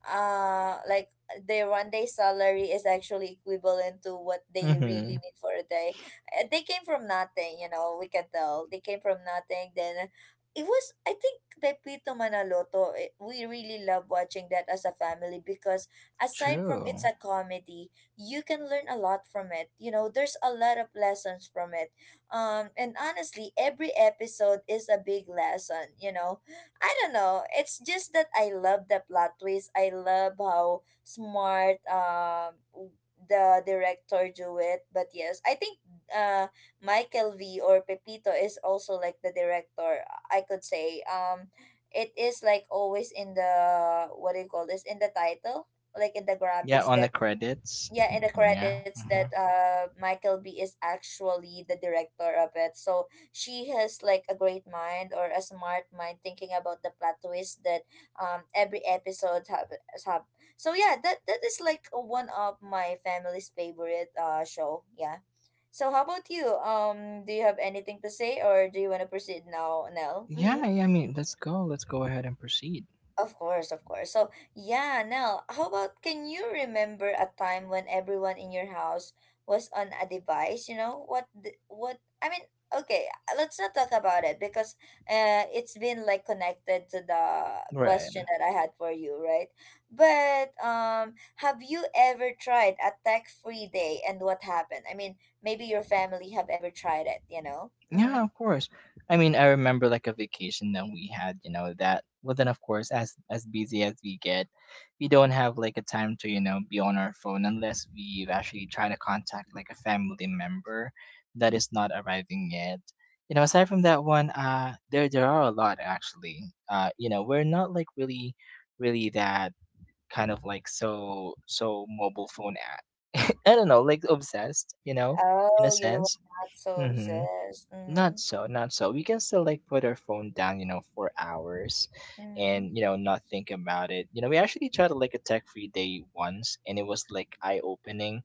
[SPEAKER 1] like their one day salary is actually equivalent to what they
[SPEAKER 2] Mm-hmm.
[SPEAKER 1] really need for a day. They came from nothing. You know, we can tell they came from nothing. Then it was, I think, Pepito Manaloto, we really love watching that as a family because aside from
[SPEAKER 2] True.
[SPEAKER 1] it's a comedy, you can learn a lot from it. You know, there's a lot of lessons from it. And honestly, every episode is a big lesson. You know, I don't know. It's just that I love the plot twist. I love how smart, the director do it. But yes, I think uh Michael V or Pepito is also like the director. I could say, it is like always in the, what do you call this, in the title, like in the
[SPEAKER 2] Yeah,
[SPEAKER 1] graphics,
[SPEAKER 2] on
[SPEAKER 1] the
[SPEAKER 2] the credits.
[SPEAKER 1] yeah, in the
[SPEAKER 2] Yeah.
[SPEAKER 1] credits, that Michael B is actually the director of it, so she has like a great mind or a smart mind thinking about the plot twist that, every episode have. So yeah, that is like one of my family's favorite show, yeah. So how about you, do you have anything to say, or do you want to proceed now, Nell? Mm-hmm.
[SPEAKER 2] Yeah, yeah, I mean, let's go. Let's go ahead and proceed.
[SPEAKER 1] Of course, of course. So, yeah, now, how about, can you remember a time when everyone in your house was on a device, you know? What I mean, okay, let's not talk about it because it's been like connected to the question
[SPEAKER 2] Right.
[SPEAKER 1] that I had for you, right? But have you ever tried a tech-free day, and what happened? I mean, maybe your family have ever tried it, you know?
[SPEAKER 2] Yeah,
[SPEAKER 1] Mhm.
[SPEAKER 2] of course. I mean, I remember like a vacation that we had, you know, that, well, then of course, as busy as we get, we don't have like a time to, you know, be on our phone unless we've actually tried to contact like a family member that is not arriving yet. You know, aside from that one, uh, there are a lot actually. You know, we're not like really, really that kind of like so mobile phone ad. I don't know, like obsessed, you know, in a
[SPEAKER 1] Oh, you were
[SPEAKER 2] sense.
[SPEAKER 1] not so
[SPEAKER 2] Mm-hmm.
[SPEAKER 1] obsessed.
[SPEAKER 2] Not
[SPEAKER 1] Mhm.
[SPEAKER 2] so, not so. We can still like put our phone down, you know, for hours,
[SPEAKER 1] Mhm.
[SPEAKER 2] and you know, not think about it. You know, we actually tried like a tech free day once, and it was like eye opening,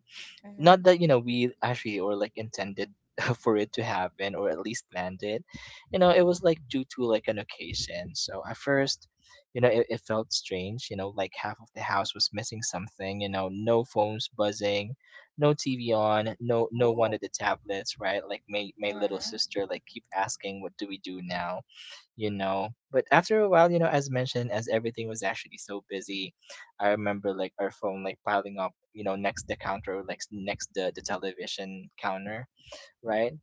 [SPEAKER 2] not
[SPEAKER 1] Mhm.
[SPEAKER 2] that you know we actually or like intended for it to happen, or at least planned it. You know, it was like due to like an occasion. So at first, you know, it felt strange, you know, like half of the house was missing something, you know, no phones buzzing, no TV on, no no
[SPEAKER 1] Ooh.
[SPEAKER 2] one at the tablets, right. Like my little
[SPEAKER 1] Mhm.
[SPEAKER 2] sister like keep asking, what do we do now, you know? But after a while, you know, as mentioned, as everything was actually so busy, I remember like our phone like piling up, you know, next the counter, like next the television counter, right?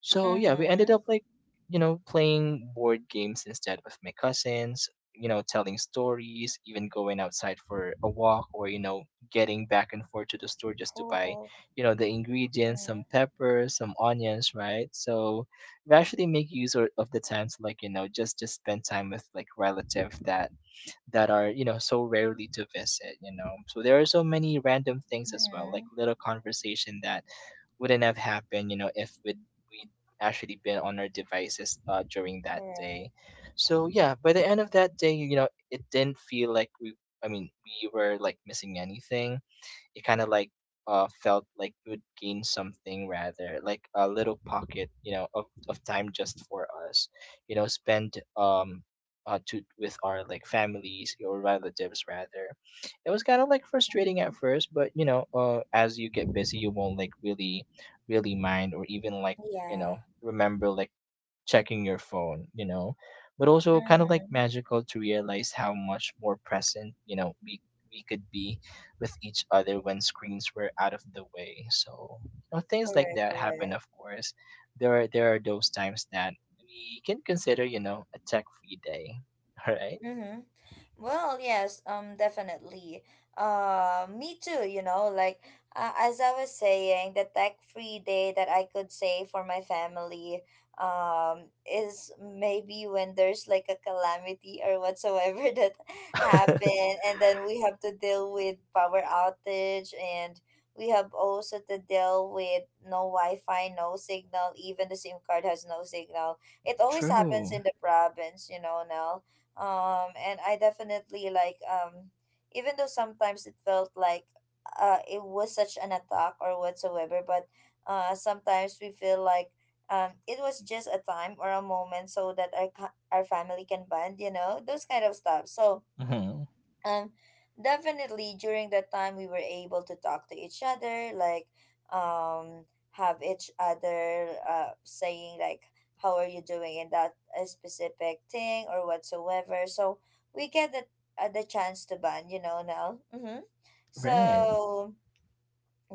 [SPEAKER 2] So yeah, we ended
[SPEAKER 1] Mhm.
[SPEAKER 2] up like, you know, playing board games instead with my cousins, you know, telling stories, even going outside for a walk, or, you know, getting back and forth to the store just to buy,
[SPEAKER 1] Cool.
[SPEAKER 2] you know, the ingredients,
[SPEAKER 1] Mhm.
[SPEAKER 2] some peppers, some onions, right? So we actually of the time to just spend time with relatives that that are, you know, so rarely to visit, you know. So there are so many random things as well, like
[SPEAKER 1] Mhm.
[SPEAKER 2] little conversation that wouldn't have happened, you know, if we'd actually been on our devices during that
[SPEAKER 1] Correct.
[SPEAKER 2] day. So yeah, by the end of that day, you know, it didn't feel like I mean, we were like missing anything. It kind of like felt like you would gain something, rather like a little pocket, you know, of time just for us, you know, spend to with our like families or relatives rather. It was kind of like frustrating at first, but you know, as you get busy, you won't like really really mind or even like, you know,
[SPEAKER 1] Yeah.
[SPEAKER 2] remember like checking your phone, you know, but also kind of like
[SPEAKER 1] Mhm.
[SPEAKER 2] magical to realize how much more present, you know, we could be with each other when screens were out of the way. So, you know, things like
[SPEAKER 1] Correct,
[SPEAKER 2] that happen,
[SPEAKER 1] correct.
[SPEAKER 2] of course. There are those times that we can consider, you know, a tech-free day. All right?
[SPEAKER 1] Mhm. Well, yes, definitely. Me too, you know, like, as I was saying, the tech-free day that I could say for my family, um, is maybe when there's like a calamity or whatsoever that happened, and then we have to deal with power outage, and we have also to deal with no Wi-Fi, no signal, even the SIM card has no signal. It always happens
[SPEAKER 2] True.
[SPEAKER 1] in the province, you know, now, and I definitely like even though sometimes it felt like it was such an attack or whatsoever, but sometimes we feel like it was just a time or a moment so that our family can bond, you know, those kind of stuff, so
[SPEAKER 2] Mm-hmm.
[SPEAKER 1] um definitely during that time we were able to talk to each other, like, um have each other, saying like, how are you doing in that specific thing or whatsoever, so we get the chance to bond, you know, now. Mm-hmm.
[SPEAKER 2] Right.
[SPEAKER 1] So,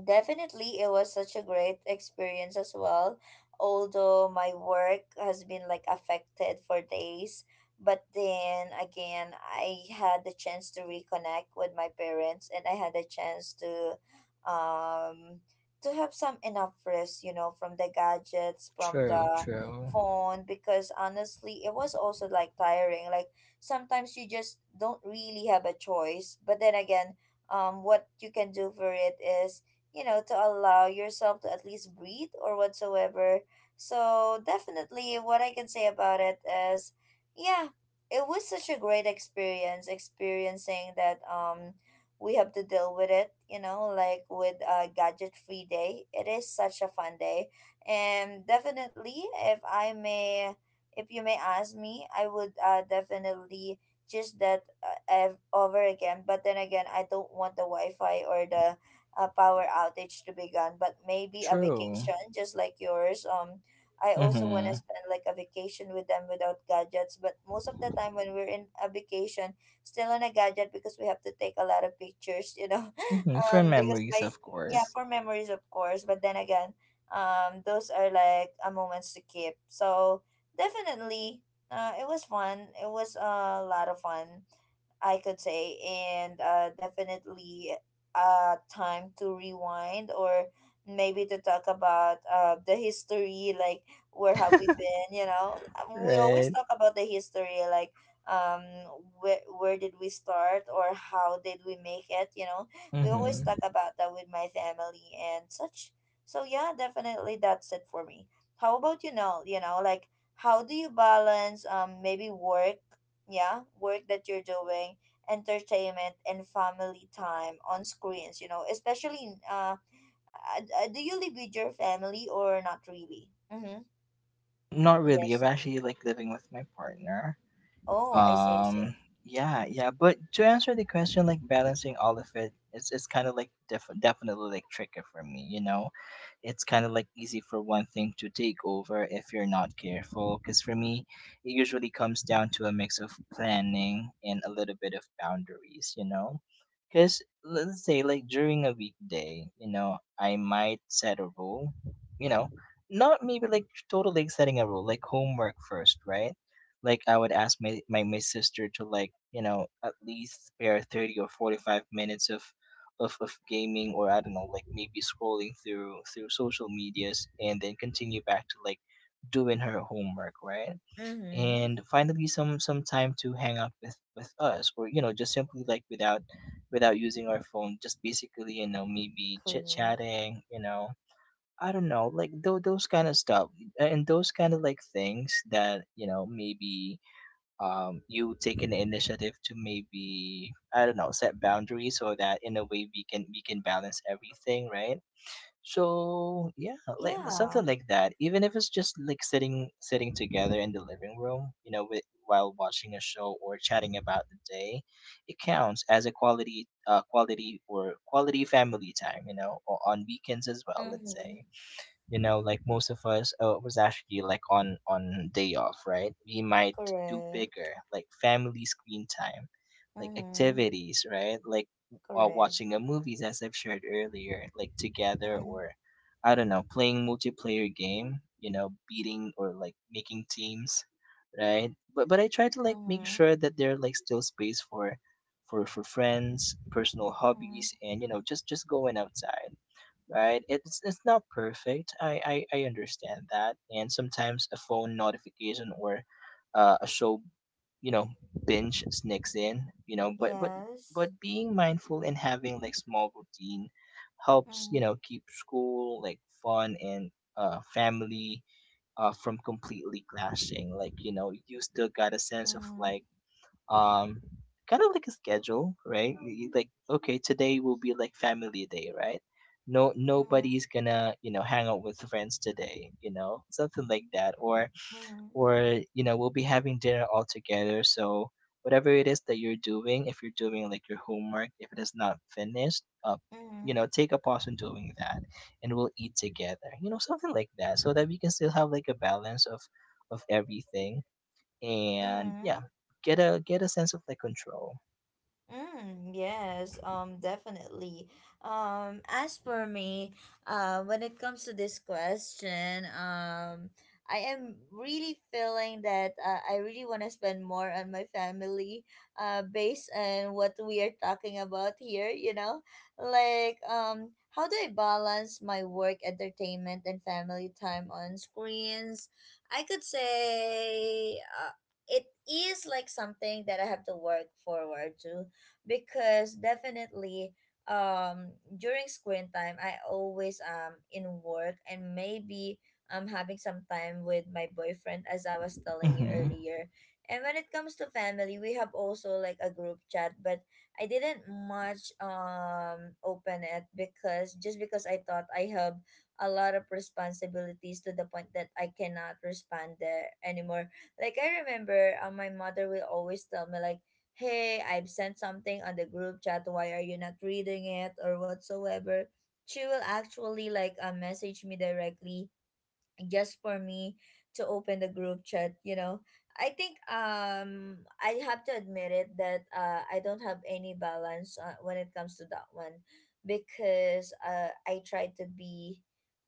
[SPEAKER 1] definitely, it was such a great experience as well. Although my work has been like affected for days, but then again, I had the chance to reconnect with my parents and I had the chance um to have some enough rest, you know, from the gadgets, from
[SPEAKER 2] True,
[SPEAKER 1] the
[SPEAKER 2] true,
[SPEAKER 1] phone because honestly, it was also like tiring. Like sometimes you just don't really have a choice, but then again, what you can do for it is to allow yourself to at least breathe or whatsoever. So definitely what I can say about it is yeah, it was such a great experience experiencing that. We have to deal with it, you know, like with a gadget free day. It is such a fun day. And definitely, if I may, if you may ask me, I would definitely just that over again. But then again, I don't want the wi-fi or the a power outage to begin, but maybe a
[SPEAKER 2] true.
[SPEAKER 1] vacation just like yours. I also want to
[SPEAKER 2] Mm-hmm.
[SPEAKER 1] spend like a vacation with them without gadgets, but most of the time when we're in a vacation, still on a gadget because we have to take a lot of pictures, you know.
[SPEAKER 2] Mm-hmm. For
[SPEAKER 1] Because
[SPEAKER 2] memories,
[SPEAKER 1] my
[SPEAKER 2] of
[SPEAKER 1] Yeah,
[SPEAKER 2] course.
[SPEAKER 1] for memories of course, but then again, those are like a moments to keep. So definitely, it was fun. It was a lot of fun, I could say. And definitely, time to rewind or maybe to talk about the history, like where have we been, you know? We always
[SPEAKER 2] Right.
[SPEAKER 1] talk about the history, like um, where did we start or how did we make it, you know? We always
[SPEAKER 2] Mm-hmm.
[SPEAKER 1] talk about that with my family and such. So yeah, definitely that's it for me. How about like how do you balance maybe work that you're doing, entertainment and family time on screens, you know, especially do you live with your family or not really? Mm-hmm.
[SPEAKER 2] Not really.
[SPEAKER 1] Yes.
[SPEAKER 2] I'm actually like living with my partner.
[SPEAKER 1] Oh, I see, I
[SPEAKER 2] Um,
[SPEAKER 1] see.
[SPEAKER 2] yeah, yeah. But to answer the question, like balancing all of it, it's kind of like definitely like tricky for me, you know, it's kind of like easy for one thing to take over if you're not careful. Because for me, it usually comes down to a mix of planning and a little bit of boundaries, you know? Because let's say, like during a weekday, you know, I might set a rule, you know, not maybe like totally setting a rule, like homework first, right? Like I would ask my sister to like, you know, at least spare 30 or 45 minutes of gaming, or I don't know, like maybe scrolling through social medias, and then continue back to like doing her homework, right?
[SPEAKER 1] Mm-hmm.
[SPEAKER 2] And finally some time to hang out with us, or you know, just simply like without without using our phone, just basically, you know, maybe chit
[SPEAKER 1] Correct.
[SPEAKER 2] chatting, you know. I don't know, like those kind of stuff and those kind of like things that, you know, maybe you take an initiative to maybe, I don't know, set boundaries so that in a way we can balance everything, right? So yeah, like
[SPEAKER 1] Yeah.
[SPEAKER 2] something like that. Even if it's just like sitting together in the living room, you know, with, while watching a show or chatting about the day, it counts as a quality quality or quality family time. You know, or on weekends as well. Let's
[SPEAKER 1] Mm-hmm.
[SPEAKER 2] say, you know, like most of us, was actually like on day off, right? We might do
[SPEAKER 1] Correct.
[SPEAKER 2] bigger like family screen time like
[SPEAKER 1] Mm-hmm.
[SPEAKER 2] activities, right? Like
[SPEAKER 1] Correct.
[SPEAKER 2] watching a movies, as I've shared earlier, like together,
[SPEAKER 1] Mm-hmm.
[SPEAKER 2] or I don't know, playing multiplayer game, you know, beating or like making teams, right? But I try to like make
[SPEAKER 1] Mm-hmm.
[SPEAKER 2] sure that there are like still space for for friends, personal
[SPEAKER 1] Mm-hmm.
[SPEAKER 2] hobbies, and you know, just going outside, right? It's not perfect. I understand that, and sometimes a phone notification or a show, you know, binge sneaks in, you know. But but
[SPEAKER 1] Yes.
[SPEAKER 2] but being mindful and having like small routine helps, you
[SPEAKER 1] mm-hmm.
[SPEAKER 2] know, keep school like fun and family from completely clashing. Like you know, you still got a sense of
[SPEAKER 1] Mm-hmm.
[SPEAKER 2] like, um kind of like a schedule, right? You like, okay, today will be like family day, right? No,
[SPEAKER 1] Mm-hmm.
[SPEAKER 2] nobody's gonna, you know, hang out with friends today, you know, something like that. or
[SPEAKER 1] Mm-hmm.
[SPEAKER 2] or you know, we'll be having dinner all together, so whatever it is that you're doing, if you're doing like your homework, if it is not finished, you
[SPEAKER 1] Mm-hmm.
[SPEAKER 2] know, take a pause on doing that, and we'll eat together, you know, something like that, so that we can still have like a balance of everything, and
[SPEAKER 1] Mm-hmm.
[SPEAKER 2] yeah, get a sense of like control.
[SPEAKER 1] Mm, yes, definitely. As for me, when it comes to this question, I am really feeling that I really want to spend more on my family, based on what we are talking about here, you know? Like, how do I balance my work, entertainment, and family time on screens? I could say, it is like something that I have to work forward to, because definitely during screen time I always in work and maybe I'm having some time with my boyfriend as I was telling you
[SPEAKER 2] Mm-hmm.
[SPEAKER 1] earlier. And when it comes to family, we have also like a group chat, but I didn't much open it, because just because I thought I have a lot of responsibilities to the point that I cannot respond there anymore. Like I remember, my mother will always tell me like, hey, I've sent something on the group chat, why are you not reading it or whatsoever. She will actually like message me directly just for me to open the group chat, you know. I think I have to admit it that I don't have any balance when it comes to that one. Because I try to be,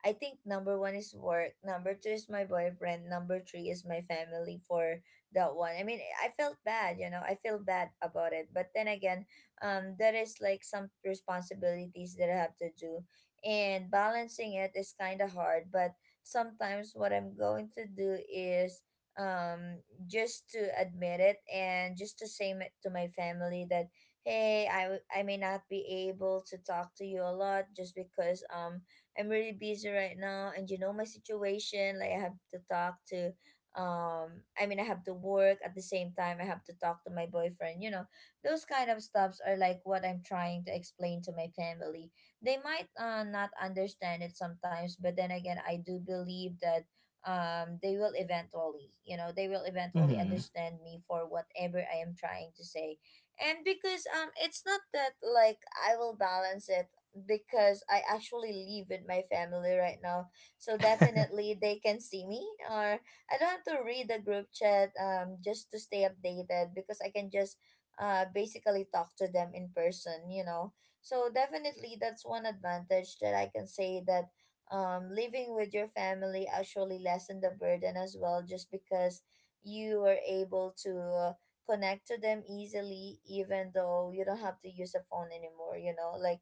[SPEAKER 1] I think number one is work, number two is my boyfriend, number three is my family. For that one, I mean, I felt bad, you know, I feel bad about it, but then again, there is like some responsibilities that I have to do, and balancing it is kind of hard. But sometimes what I'm going to do is just to admit it and just to to my family that hey, I may not be able to talk to you a lot just because I'm really busy right now and you know my situation, like I have to talk to I mean I have to work, at the same time I have to talk to my boyfriend, you know. Those kind of stuffs are like what I'm trying to explain to my family. They might not understand it sometimes, but then again, I do believe that they will eventually, you know, they will eventually
[SPEAKER 2] Mm-hmm.
[SPEAKER 1] understand me for whatever I am trying to say. And because it's not that like I will balance it, because I actually live with my family right now, so definitely they can see me. Or I don't have to read the group chat just to stay updated, because I can just basically talk to them in person, you know. So definitely that's one advantage that I can say, that living with your family actually lessen the burden as well, just because you are able to uh, connect to them easily even though you don't have to use a phone anymore, you know? Like,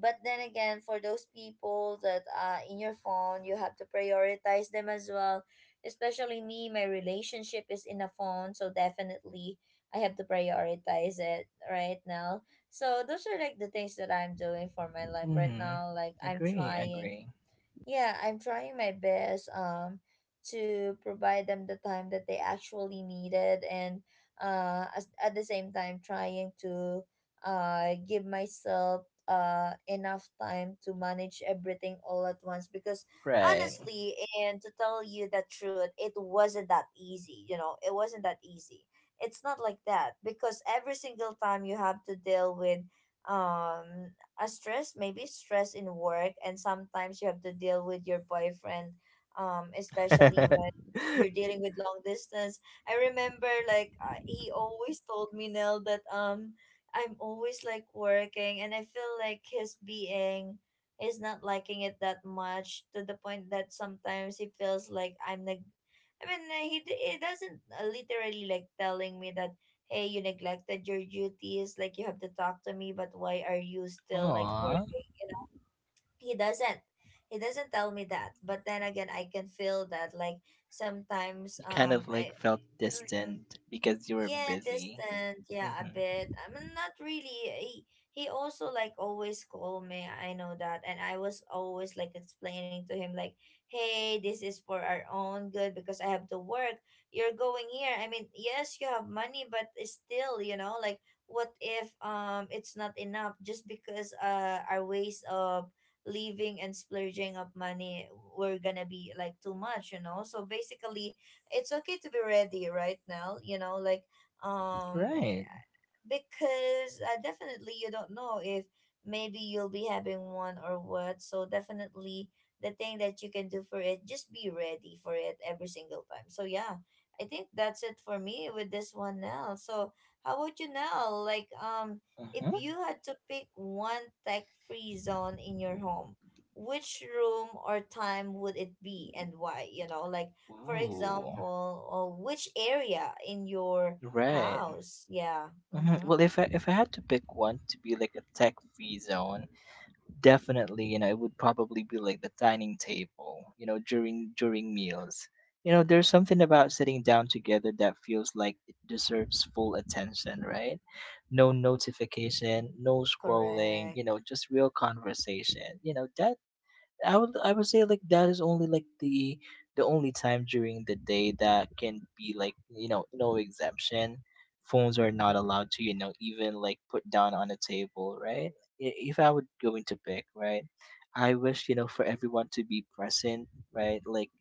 [SPEAKER 1] but then again, for those people that are in your phone, you have to prioritize them as well. Especially me, my relationship is in a phone, so definitely I have to prioritize it right now. So those are like the things that I'm doing for my life right
[SPEAKER 2] Mm-hmm.
[SPEAKER 1] now. Like I'm
[SPEAKER 2] Agree,
[SPEAKER 1] trying,
[SPEAKER 2] agree.
[SPEAKER 1] yeah, I'm trying my best to provide them the time that they actually needed, and at the same time trying to give myself enough time to manage everything all at once. Because
[SPEAKER 2] Right.
[SPEAKER 1] honestly, and to tell you the truth, it wasn't that easy, you know, it wasn't that easy. It's not like that, because every single time you have to deal with um a stress, maybe stress in work, and sometimes you have to deal with your boyfriend, especially when you're dealing with long distance. I remember like he always told me Nell that I'm always like working, and I feel like his being is not liking it that much to the point that sometimes he feels like I mean, he he doesn't literally like telling me that hey, you neglected your duties, like you have to talk to me, but why are you still like
[SPEAKER 2] Aw.
[SPEAKER 1] working? You know, he doesn't. He doesn't tell me that. But then again, I can feel that like sometimes
[SPEAKER 2] You kind of like
[SPEAKER 1] I
[SPEAKER 2] felt
[SPEAKER 1] mhm.
[SPEAKER 2] distant because you were
[SPEAKER 1] Yeah,
[SPEAKER 2] busy.
[SPEAKER 1] distant. Yeah, a
[SPEAKER 2] Mm-hmm.
[SPEAKER 1] bit. I mean, not really. He, he also like always call me. I know that, and I was always like explaining to him like, "Hey, this is for our own good because I have to work. You're going here. I mean, yes, you have money, but it's still, you know, like, what if it's not enough just because our ways of leaving and splurging up money were gonna be like too much, you know? So basically, it's okay to be ready right now. You know, like um
[SPEAKER 2] Right.
[SPEAKER 1] because definitely you don't know if maybe you'll be having one or what, so definitely the thing that you can do for it, just be ready for it every single time. So yeah, I think that's it for me with this one now. So how about you now, like if
[SPEAKER 2] Mm-hmm.
[SPEAKER 1] you had to pick one tech free zone in your home, which room or time would it be and why, you know, like for
[SPEAKER 2] Ooh.
[SPEAKER 1] example, or which area in your
[SPEAKER 2] Right.
[SPEAKER 1] house. Yeah. Mm-hmm.
[SPEAKER 2] Mm-hmm. Well, if I had to pick one to be like a tech free zone, definitely, you know, it would probably be like the dining table, you know, during during meals. You know, there's something about sitting down together that feels like it deserves full attention, right? No notification, no scrolling,
[SPEAKER 1] Correct.
[SPEAKER 2] you know, just real conversation, you know, that I would say like that is only like the only time during the day that can be like, you know, no exemption. Phones are not allowed to, you know, even like put down on a table, right? If I would go into pick, right, I wish, you know, for everyone to be present, right? Like,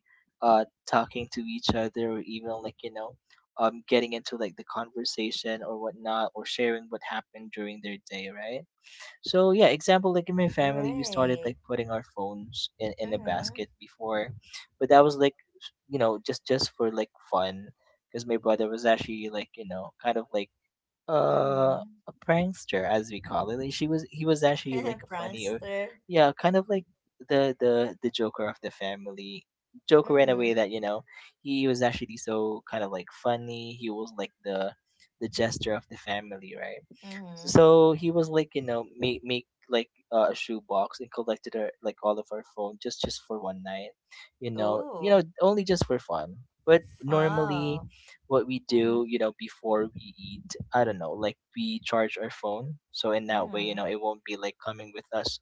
[SPEAKER 2] talking to each other, or even like, you know, getting into like the conversation or whatnot, or sharing what happened during their day, right? So yeah, example like in my family, we started
[SPEAKER 1] Right.
[SPEAKER 2] like putting our phones in a
[SPEAKER 1] Mm-hmm.
[SPEAKER 2] basket before, but that was like, you know, just for like fun, because my brother was actually like, you know, kind of like, uh
[SPEAKER 1] Mm-hmm.
[SPEAKER 2] a prankster, as we call it. Like she was he was actually like a funny, or
[SPEAKER 1] Prankster.
[SPEAKER 2] yeah, kind of like the joker of the family, joker in a way
[SPEAKER 1] Mm-hmm.
[SPEAKER 2] that, you know, he was actually so kind of like funny. He was like the jester of the family, right?
[SPEAKER 1] Mm-hmm.
[SPEAKER 2] So he was like, you know, make like a shoebox and collected her like all of our phone, just for one night, you know. You know,
[SPEAKER 1] Ooh.
[SPEAKER 2] only just for fun. But normally,
[SPEAKER 1] Wow.
[SPEAKER 2] what we do,
[SPEAKER 1] Mm-hmm.
[SPEAKER 2] you know, before we eat, I don't know, like we charge our phone, so in that way, you know,
[SPEAKER 1] Mm-hmm.
[SPEAKER 2] it won't be like coming with us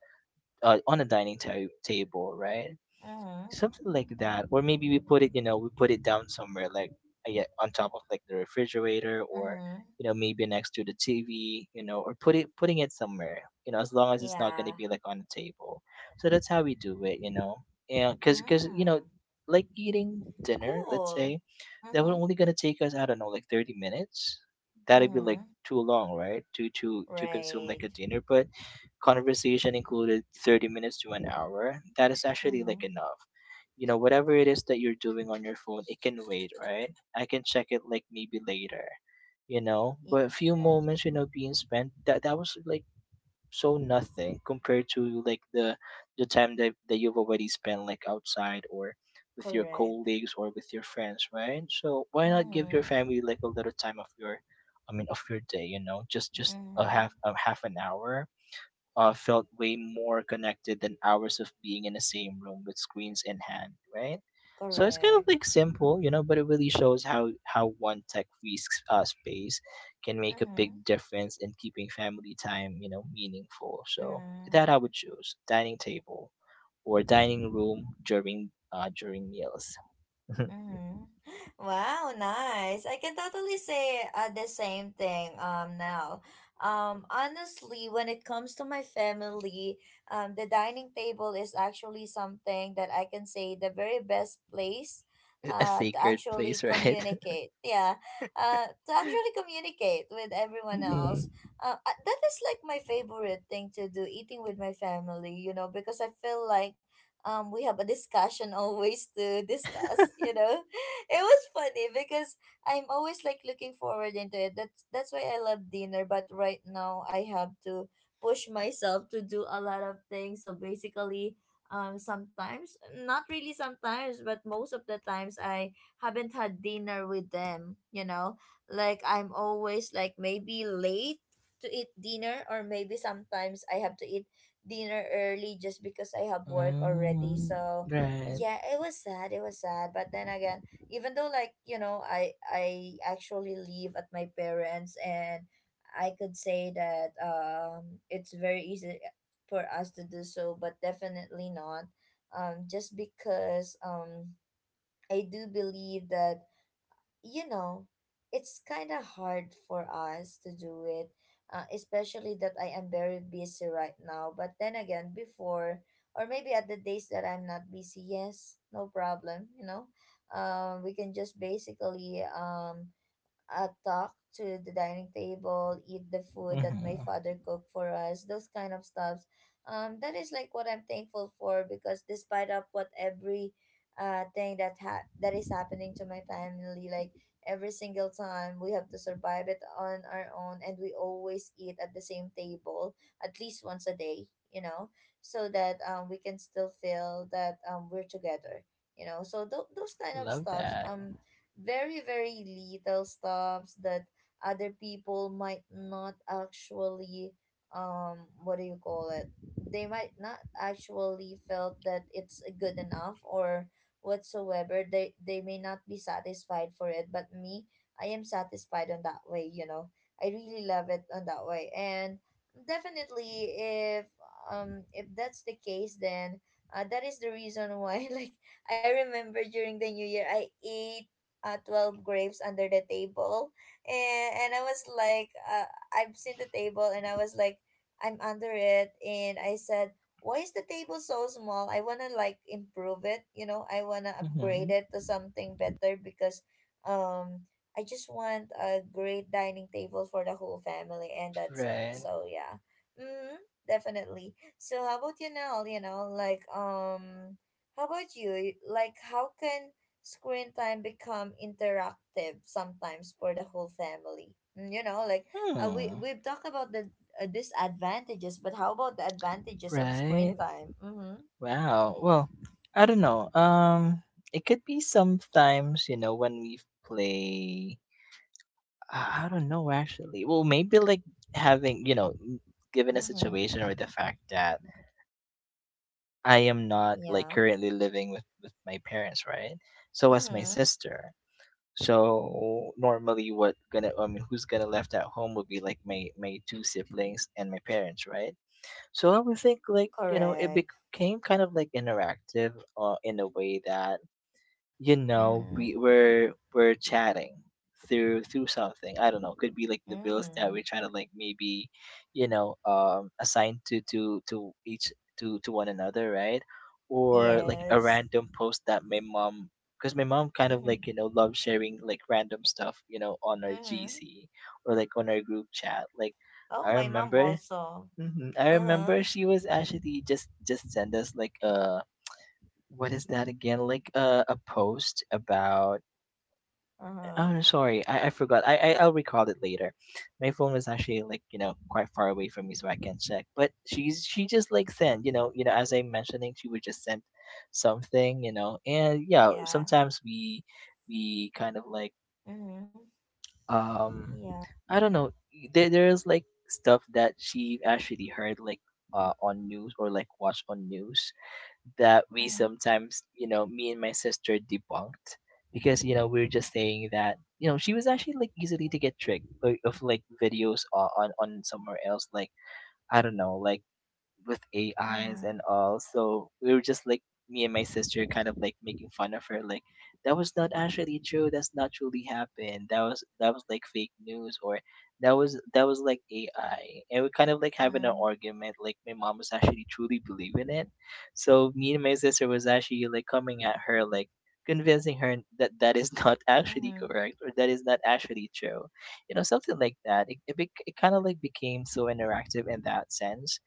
[SPEAKER 2] on a table, right?
[SPEAKER 1] Mm-hmm.
[SPEAKER 2] Something like that, or maybe we put it, you know, we put it down somewhere like, yeah, on top of like the refrigerator, or
[SPEAKER 1] Mm-hmm.
[SPEAKER 2] you know, maybe next to the TV, you know, or putting it somewhere, you know, as long as it's not going to
[SPEAKER 1] Yeah.
[SPEAKER 2] be like on the table. So that's how we do it, you know. And because, you know,
[SPEAKER 1] Mm.
[SPEAKER 2] like eating dinner, let's say,
[SPEAKER 1] Cool.
[SPEAKER 2] that would
[SPEAKER 1] Mm-hmm.
[SPEAKER 2] only going to take us, I don't know, like 30 minutes. That'd be like
[SPEAKER 1] Mm-hmm.
[SPEAKER 2] too long, right, to consume like
[SPEAKER 1] Right.
[SPEAKER 2] a dinner, but conversation included, 30 minutes to an hour, that is actually
[SPEAKER 1] Mm-hmm.
[SPEAKER 2] like enough. You know, whatever it is that you're doing on your phone, it can wait, right? I can check it like maybe later, you know,
[SPEAKER 1] Yes.
[SPEAKER 2] but a few moments, you know, being spent, that was like so nothing compared to like the time that you've already spent like outside, or with your
[SPEAKER 1] Correct.
[SPEAKER 2] colleagues or with your friends, right? So why not give your
[SPEAKER 1] Mm-hmm.
[SPEAKER 2] family like a little time of your, I mean, of your day, you know, just a
[SPEAKER 1] Mm-hmm.
[SPEAKER 2] half, a half an hour felt way more connected than hours of being in the same room with screens in hand, right? So it's kind of
[SPEAKER 1] Correct.
[SPEAKER 2] like simple, you know, but it really shows how one tech-free space can make a big
[SPEAKER 1] Mm-hmm.
[SPEAKER 2] difference in keeping family time, you know, meaningful. So
[SPEAKER 1] Mm.
[SPEAKER 2] that I would choose dining table or dining room during during meals.
[SPEAKER 1] Mm. Wow, nice. I can totally say the same thing now. Honestly, when it comes to my family, the dining table is actually something that I can say the very best place
[SPEAKER 2] A
[SPEAKER 1] to
[SPEAKER 2] sacred
[SPEAKER 1] actually
[SPEAKER 2] place, right?
[SPEAKER 1] communicate. Yeah. To actually communicate with everyone else.
[SPEAKER 2] Mm-hmm.
[SPEAKER 1] That is like my favorite thing to do, eating with my family, you know, because I feel like we have a discussion always to discuss, you know. It was funny because I'm always like looking forward into it, that's why I love dinner. But right now I have to push myself to do a lot of things, so basically sometimes, not really sometimes, but most of the times I haven't had dinner with them, you know. Like I'm always like maybe late to eat dinner, or maybe sometimes I have to eat dinner early just because I have work already.
[SPEAKER 2] mm
[SPEAKER 1] So
[SPEAKER 2] Right.
[SPEAKER 1] yeah, it was sad. It was sad. But then again, even though like, you know, I actually live at my parents, and I could say that it's very easy for us to do so, but definitely not. Just because I do believe that, you know, it's kind of hard for us to do it, especially that I am very busy right now. But then again, before, or maybe at the days that I'm not busy, yes, no problem, you know. We can just basically talk to the dining table, eat the food that my
[SPEAKER 2] Mm-hmm.
[SPEAKER 1] father cooked for us, those kind of stuffs. That is like what I'm thankful for because despite of what every that is happening to my family, like every single time we have to survive it on our own, and we always eat at the same table at least once a day, so that we can still feel that we're together. So those kind of
[SPEAKER 2] Love
[SPEAKER 1] stuffs
[SPEAKER 2] that.
[SPEAKER 1] very, very little stops that other people might not actually, what do you call it? They might not actually felt that it's good enough or whatsoever. They may not be satisfied for it, but me, I am satisfied on that way. You know, I really love it on that way, and definitely if that's the case, then that is the reason why like I remember during the new year I ate 12 grapes under the table, and I was like I've seen the table and I was like I'm under it, and I said, why is the table so small? I want to like improve it, you know. I want to
[SPEAKER 2] Mm-hmm.
[SPEAKER 1] upgrade it to something better because um I just want a great dining table for the whole family, and that's it.
[SPEAKER 2] Right.
[SPEAKER 1] So yeah. mm, Definitely. So how about you now? You know, like how about you, like how can screen time become interactive sometimes for the whole family? Mm, you know, like we
[SPEAKER 2] Hmm.
[SPEAKER 1] we've talked about the disadvantages, but how about the advantages of
[SPEAKER 2] Right.
[SPEAKER 1] screen time? Mm-hmm.
[SPEAKER 2] Wow. Well, I don't know. It could be sometimes, you know, when we play. I don't know actually. Well, maybe like having, you know, given a
[SPEAKER 1] Mm-hmm.
[SPEAKER 2] situation, or the fact that I am not like
[SPEAKER 1] Yeah.
[SPEAKER 2] currently living with my parents, right? So as my
[SPEAKER 1] Mm-hmm.
[SPEAKER 2] sister. So normally, what gonna I mean, who's gonna left at home would be like my two siblings and my parents, right? So I would think like, you know, it
[SPEAKER 1] Correct.
[SPEAKER 2] became kind of like interactive in a way that, you know,
[SPEAKER 1] Mm-hmm.
[SPEAKER 2] we're chatting through something. I don't know, could be like the bills that we
[SPEAKER 1] Mm-hmm.
[SPEAKER 2] try to like maybe, you know, assign to each to one another, right? Or like a
[SPEAKER 1] Yes.
[SPEAKER 2] random post that my mom, because my mom kind of like, you know, loves sharing like random stuff, you know, on our
[SPEAKER 1] Mm-hmm.
[SPEAKER 2] GC, or like on our group chat. Like,
[SPEAKER 1] Oh,
[SPEAKER 2] I
[SPEAKER 1] my mom
[SPEAKER 2] remember,
[SPEAKER 1] also.
[SPEAKER 2] I
[SPEAKER 1] Uh-huh.
[SPEAKER 2] remember she was actually just send us like, what is that again? Like a post about,
[SPEAKER 1] Uh-huh.
[SPEAKER 2] oh sorry, I forgot. I'll recall it later. My phone was actually, like, you know, quite far away from me so I can check. But she just like sent, you know, as I'm mentioning, she would just send something, you know, and yeah,
[SPEAKER 1] Yeah.
[SPEAKER 2] sometimes we kind of like
[SPEAKER 1] Mm-hmm.
[SPEAKER 2] um
[SPEAKER 1] Yeah.
[SPEAKER 2] I don't know. There's like stuff that she actually heard, like on news or like watched on news, that we
[SPEAKER 1] Mm-hmm.
[SPEAKER 2] sometimes, you know, me and my sister debunked, because you know we were just saying that, you know, she was actually like easily to get tricked of like videos on somewhere else, like I don't know, like with AIs
[SPEAKER 1] Mm-hmm.
[SPEAKER 2] and all. So we were just like me and my sister kind of like making fun of her, like that was not actually true, that's not truly happened, that was like fake news, or that was like ai. And we kind of like having an
[SPEAKER 1] Mm-hmm.
[SPEAKER 2] argument, like my mom was actually truly believing it. So me and my sister was actually like coming at her, like convincing her that that is not actually
[SPEAKER 1] Mm-hmm.
[SPEAKER 2] correct, or that is not actually true. You know, something like that. It kind of like became so interactive in that sense,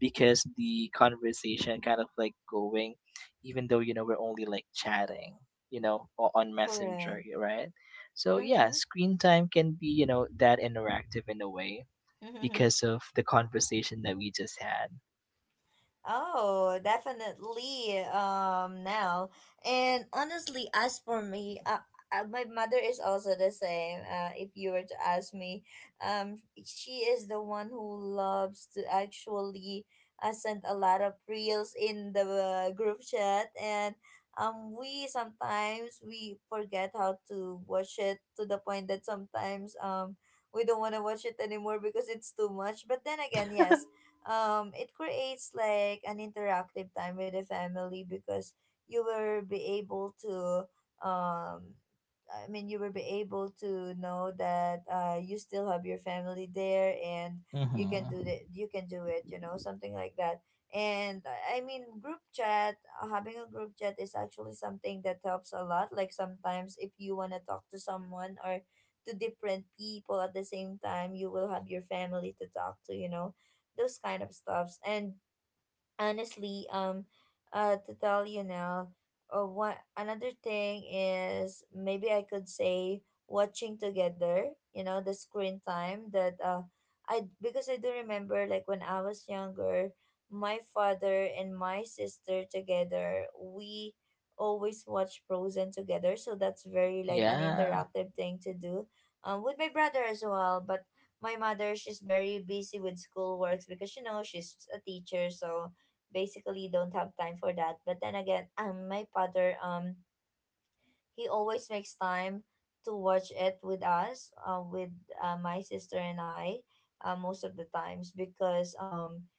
[SPEAKER 2] because the conversation kind of like going, even though, you know, we're only like chatting, you know, or on
[SPEAKER 1] Correct.
[SPEAKER 2] Messenger, right? So yeah,
[SPEAKER 1] Mm-hmm.
[SPEAKER 2] screen time can be, you know, that interactive in a way because of the conversation that we just had.
[SPEAKER 1] Oh, definitely. Now and honestly, as for me, my mother is also the same. If you were to ask me, um, she is the one who loves to actually send a lot of reels in the group chat, and we sometimes we forget how to watch it to the point that sometimes. We don't want to watch it anymore because it's too much. But then again, yes, it creates like an interactive time with the family because you will be able to um I mean you will be able to know that you still have your family there, and
[SPEAKER 2] Mm-hmm.
[SPEAKER 1] you can do it, you know, something like that. And I mean group chat, having a group chat is actually something that helps a lot. Like sometimes if you want to talk to someone or to different people at the same time, you will have your family to talk to, you know, those kind of stuffs. And honestly, to tell you now, one another thing is maybe I could say watching together. You know, the screen time that I because I do remember like when I was younger, my father and my sister together, we always watch Frozen together. So that's very like an
[SPEAKER 2] Yeah,
[SPEAKER 1] interactive thing to do. With my brother as well, but my mother, she's very busy with school works because you know she's a teacher, so basically don't have time for that. But then again, my father, he always makes time to watch it with us, with my sister and I, most of the times because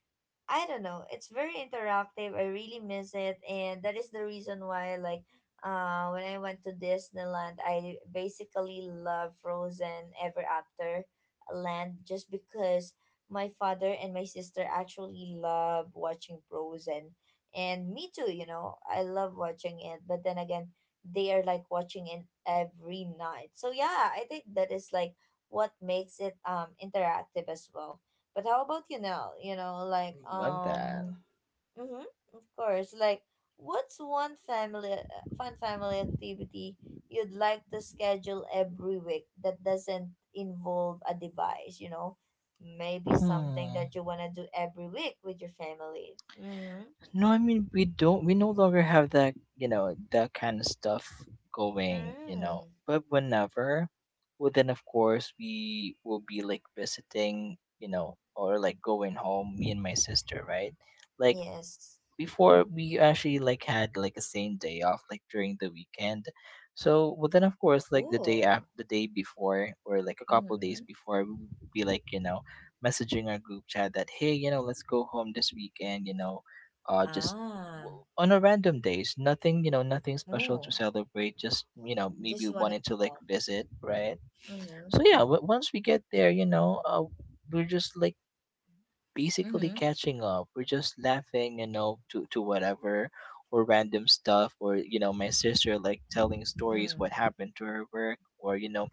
[SPEAKER 1] I don't know. It's very interactive. I really miss it, and that is the reason why, like, when I went to Disneyland, I basically love Frozen Ever After Land just because my father and my sister actually love watching Frozen, and me too. You know, I love watching it, but then again, they are like watching it every night. So yeah, I think that is like what makes it interactive as well. But how about you now? You know, like
[SPEAKER 2] love that.
[SPEAKER 1] mm-hmm, of course. Like, what's one family fun family activity you'd like to schedule every week that doesn't involve a device? You know, maybe something
[SPEAKER 2] Hmm.
[SPEAKER 1] that you wanna do every week with your family. Mm-hmm.
[SPEAKER 2] No, I mean we don't. We no longer have that, you know, that kind of stuff going. You know,
[SPEAKER 1] Mm.
[SPEAKER 2] but whenever, well, then of course we will be like visiting, you know, or like going home. Me and my sister, right? Like
[SPEAKER 1] Yes.
[SPEAKER 2] before we actually like had like a same day off like during the weekend, so but then of course like the day after,
[SPEAKER 1] Ooh.
[SPEAKER 2] the day before, or like a couple days
[SPEAKER 1] Mm-hmm.
[SPEAKER 2] before, we would be like, you know, messaging our group chat that hey, you know, let's go home this weekend, you know. Just
[SPEAKER 1] Ah.
[SPEAKER 2] on a random days, nothing, you know, nothing special to
[SPEAKER 1] Ooh.
[SPEAKER 2] celebrate, just, you know, maybe
[SPEAKER 1] Just wanna
[SPEAKER 2] wanted to like
[SPEAKER 1] go.
[SPEAKER 2] visit, right?
[SPEAKER 1] Mm-hmm.
[SPEAKER 2] So yeah, once we get there, you know, we're just like basically
[SPEAKER 1] Mm-hmm.
[SPEAKER 2] catching up. We're just laughing, you know, to whatever or random stuff, or, you know, my sister like telling stories what
[SPEAKER 1] Mm.
[SPEAKER 2] happened to her work, or, you know,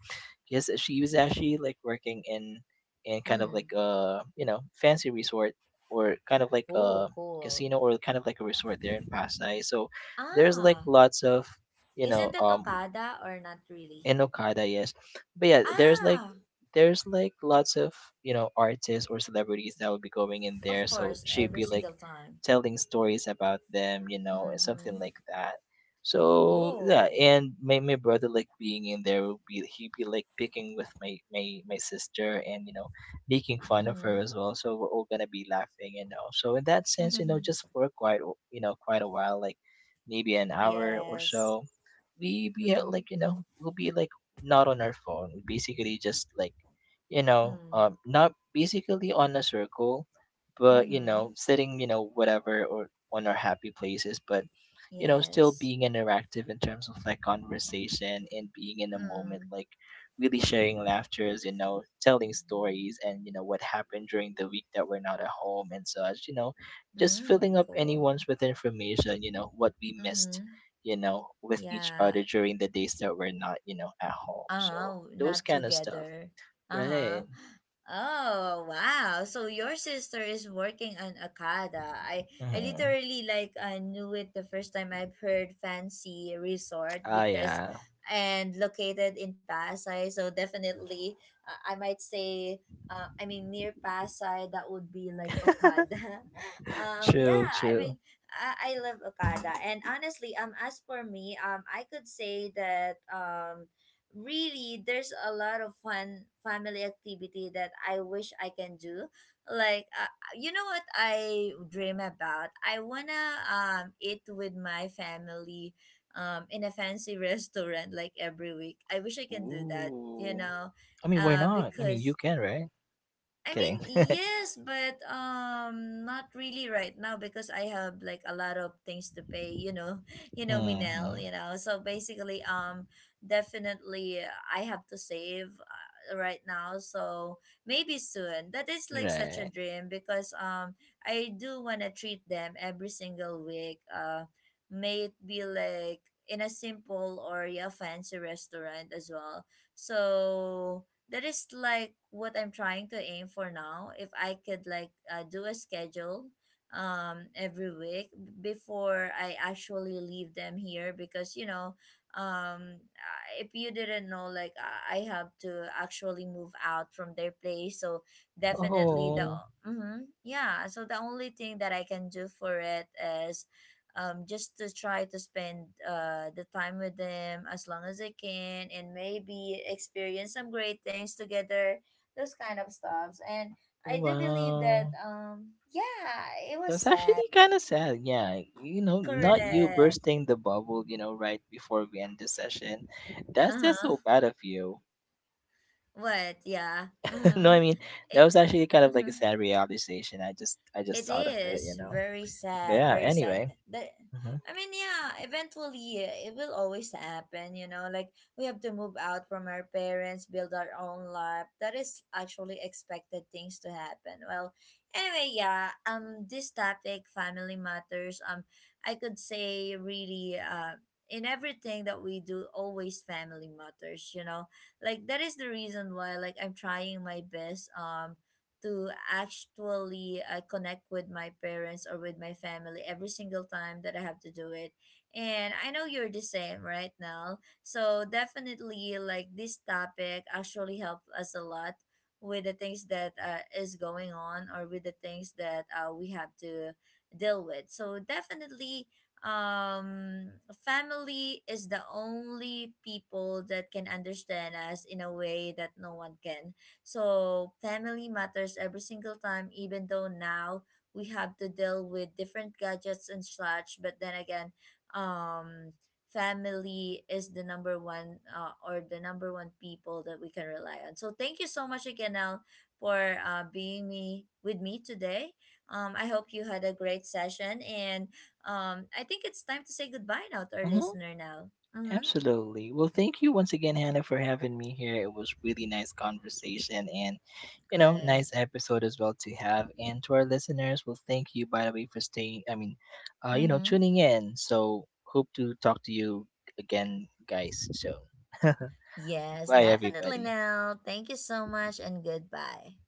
[SPEAKER 2] yes, she was actually like working in kind of like
[SPEAKER 1] Mm.
[SPEAKER 2] a, you know, fancy resort, or kind of like a
[SPEAKER 1] Oh, cool.
[SPEAKER 2] casino, or kind of like a resort there in Pasay. So there's like
[SPEAKER 1] Ah,
[SPEAKER 2] lots of, you know,
[SPEAKER 1] isn't that
[SPEAKER 2] um,
[SPEAKER 1] Okada or not
[SPEAKER 2] in
[SPEAKER 1] really?
[SPEAKER 2] Okada, yes. But yeah,
[SPEAKER 1] Ah,
[SPEAKER 2] there's like lots of, you know, artists or celebrities that would be going in there,
[SPEAKER 1] of
[SPEAKER 2] so
[SPEAKER 1] course,
[SPEAKER 2] she'd be
[SPEAKER 1] every
[SPEAKER 2] like
[SPEAKER 1] single time.
[SPEAKER 2] telling stories about them, you know, and something
[SPEAKER 1] Mm-hmm.
[SPEAKER 2] like that. So yeah,
[SPEAKER 1] Oh.
[SPEAKER 2] and my brother like being in there would be he'd be like picking with my sister, and, you know, making fun of her
[SPEAKER 1] Mm-hmm.
[SPEAKER 2] as well. So we're all gonna be laughing, you know. So in that sense, you know, just for you know, quite a while, like maybe an hour or
[SPEAKER 1] Yes.
[SPEAKER 2] so, we be at, like,
[SPEAKER 1] Mm-hmm.
[SPEAKER 2] you know, we'll be like not on our phone, basically just like, you know,
[SPEAKER 1] Mm.
[SPEAKER 2] um, not basically on a circle, but, you know,
[SPEAKER 1] Mm-hmm.
[SPEAKER 2] sitting, you know, whatever, or on our happy places, but, you know, still
[SPEAKER 1] Yes.
[SPEAKER 2] being interactive in terms of like conversation and being in a moment,
[SPEAKER 1] Mm.
[SPEAKER 2] like really sharing laughters, you know, telling stories and, you know, what happened during the week that we're not at home and such, you know, just filling
[SPEAKER 1] Mm.
[SPEAKER 2] up
[SPEAKER 1] Cool.
[SPEAKER 2] anyone's with information, you know, what we missed,
[SPEAKER 1] Mm-hmm.
[SPEAKER 2] you know, with each other
[SPEAKER 1] Yeah.
[SPEAKER 2] during the days that we're not, you know, at home. So
[SPEAKER 1] Uh-huh,
[SPEAKER 2] those
[SPEAKER 1] not
[SPEAKER 2] kind of stuff,
[SPEAKER 1] together. Uh-huh.
[SPEAKER 2] right?
[SPEAKER 1] Oh, wow. So your sister is working on Akada. I
[SPEAKER 2] Mm-hmm.
[SPEAKER 1] literally like I knew it the first time I've heard fancy resort
[SPEAKER 2] Ah,
[SPEAKER 1] because
[SPEAKER 2] yeah.
[SPEAKER 1] and located in Pasay, so definitely I might say I mean near Pasay that would be like Okada.
[SPEAKER 2] True,
[SPEAKER 1] Yeah, I
[SPEAKER 2] true.
[SPEAKER 1] mean I, love Okada. And honestly, as for me, I could say that really there's a lot of fun family activity that I wish I can do. Like you know what I dream about? I wanna eat with my family in a fancy restaurant like every week. I wish I can do that, you
[SPEAKER 2] Ooh.
[SPEAKER 1] know.
[SPEAKER 2] I mean, why not? I mean, you
[SPEAKER 1] Because
[SPEAKER 2] can, right?
[SPEAKER 1] I
[SPEAKER 2] Kidding.
[SPEAKER 1] mean, yes, but not really right now because I have like a lot of things to pay. You know, you know,
[SPEAKER 2] Mm-hmm.
[SPEAKER 1] Minel. You know, so basically, definitely, I have to save right now. So maybe soon. That is like such
[SPEAKER 2] Right.
[SPEAKER 1] a dream because I do wanna treat them every single week. May it be like in a simple or yeah fancy restaurant as well. So that is like what I'm trying to aim for now. If I could like do a schedule every week before I actually leave them here because you know if you didn't know like I have to actually move out from their place. So definitely the
[SPEAKER 2] Oh,
[SPEAKER 1] mm-hmm, yeah, so the only thing that I can do for it is just to try to spend the time with them as long as I can and maybe experience some great things together, those kind of stuffs. And I do believe
[SPEAKER 2] wow.
[SPEAKER 1] that, yeah, it
[SPEAKER 2] That's
[SPEAKER 1] was
[SPEAKER 2] actually
[SPEAKER 1] sad.
[SPEAKER 2] kind of sad. Yeah, you know, not you
[SPEAKER 1] Correct.
[SPEAKER 2] bursting the bubble, you know, right before we end the session. That's
[SPEAKER 1] Uh
[SPEAKER 2] just
[SPEAKER 1] huh.
[SPEAKER 2] so bad of you.
[SPEAKER 1] What? Yeah. Mm
[SPEAKER 2] No,
[SPEAKER 1] hmm.
[SPEAKER 2] I mean that
[SPEAKER 1] It,
[SPEAKER 2] was actually kind of like a
[SPEAKER 1] mhm.
[SPEAKER 2] sad realization. I just
[SPEAKER 1] It
[SPEAKER 2] thought of it, you
[SPEAKER 1] is
[SPEAKER 2] know.
[SPEAKER 1] very
[SPEAKER 2] But
[SPEAKER 1] sad,
[SPEAKER 2] yeah,
[SPEAKER 1] very sad.
[SPEAKER 2] anyway.
[SPEAKER 1] That
[SPEAKER 2] Hmm.
[SPEAKER 1] I mean, yeah, eventually it will always happen, you know, like we have to move out from our parents, build our own life. That is actually expected things to happen. Well, anyway, yeah, this topic, family matters, I could say really in everything that we do, always family matters, you know, like that is the reason why like I'm trying my best to actually connect with my parents or with my family every single time that I have to do it. And I know you're the same right now. So definitely like this topic actually helped us a lot with the things that is going on or with the things that we have to deal with. So definitely family is the only people that can understand us in a way that no one can. So, family matters every single time, even though now we have to deal with different gadgets and such. But then again, um, family is the number one people that we can rely on. So, thank you so much again, Al, for being me with me today. I hope you had a great session, and I think it's time to say goodbye now to our
[SPEAKER 2] Hmm.
[SPEAKER 1] listener now. Mm-hmm.
[SPEAKER 2] Absolutely. Well, thank you once again, Hannah, for having me here. It was really nice conversation and, you know, nice
[SPEAKER 1] Correct.
[SPEAKER 2] episode as well to have. And to our listeners, well, thank you, by the way, for staying, I mean, you know,
[SPEAKER 1] Mm-hmm.
[SPEAKER 2] tuning in. So hope to talk to you again, guys, soon.
[SPEAKER 1] Yes,
[SPEAKER 2] Bye,
[SPEAKER 1] definitely
[SPEAKER 2] everybody.
[SPEAKER 1] now. Thank you so much and goodbye.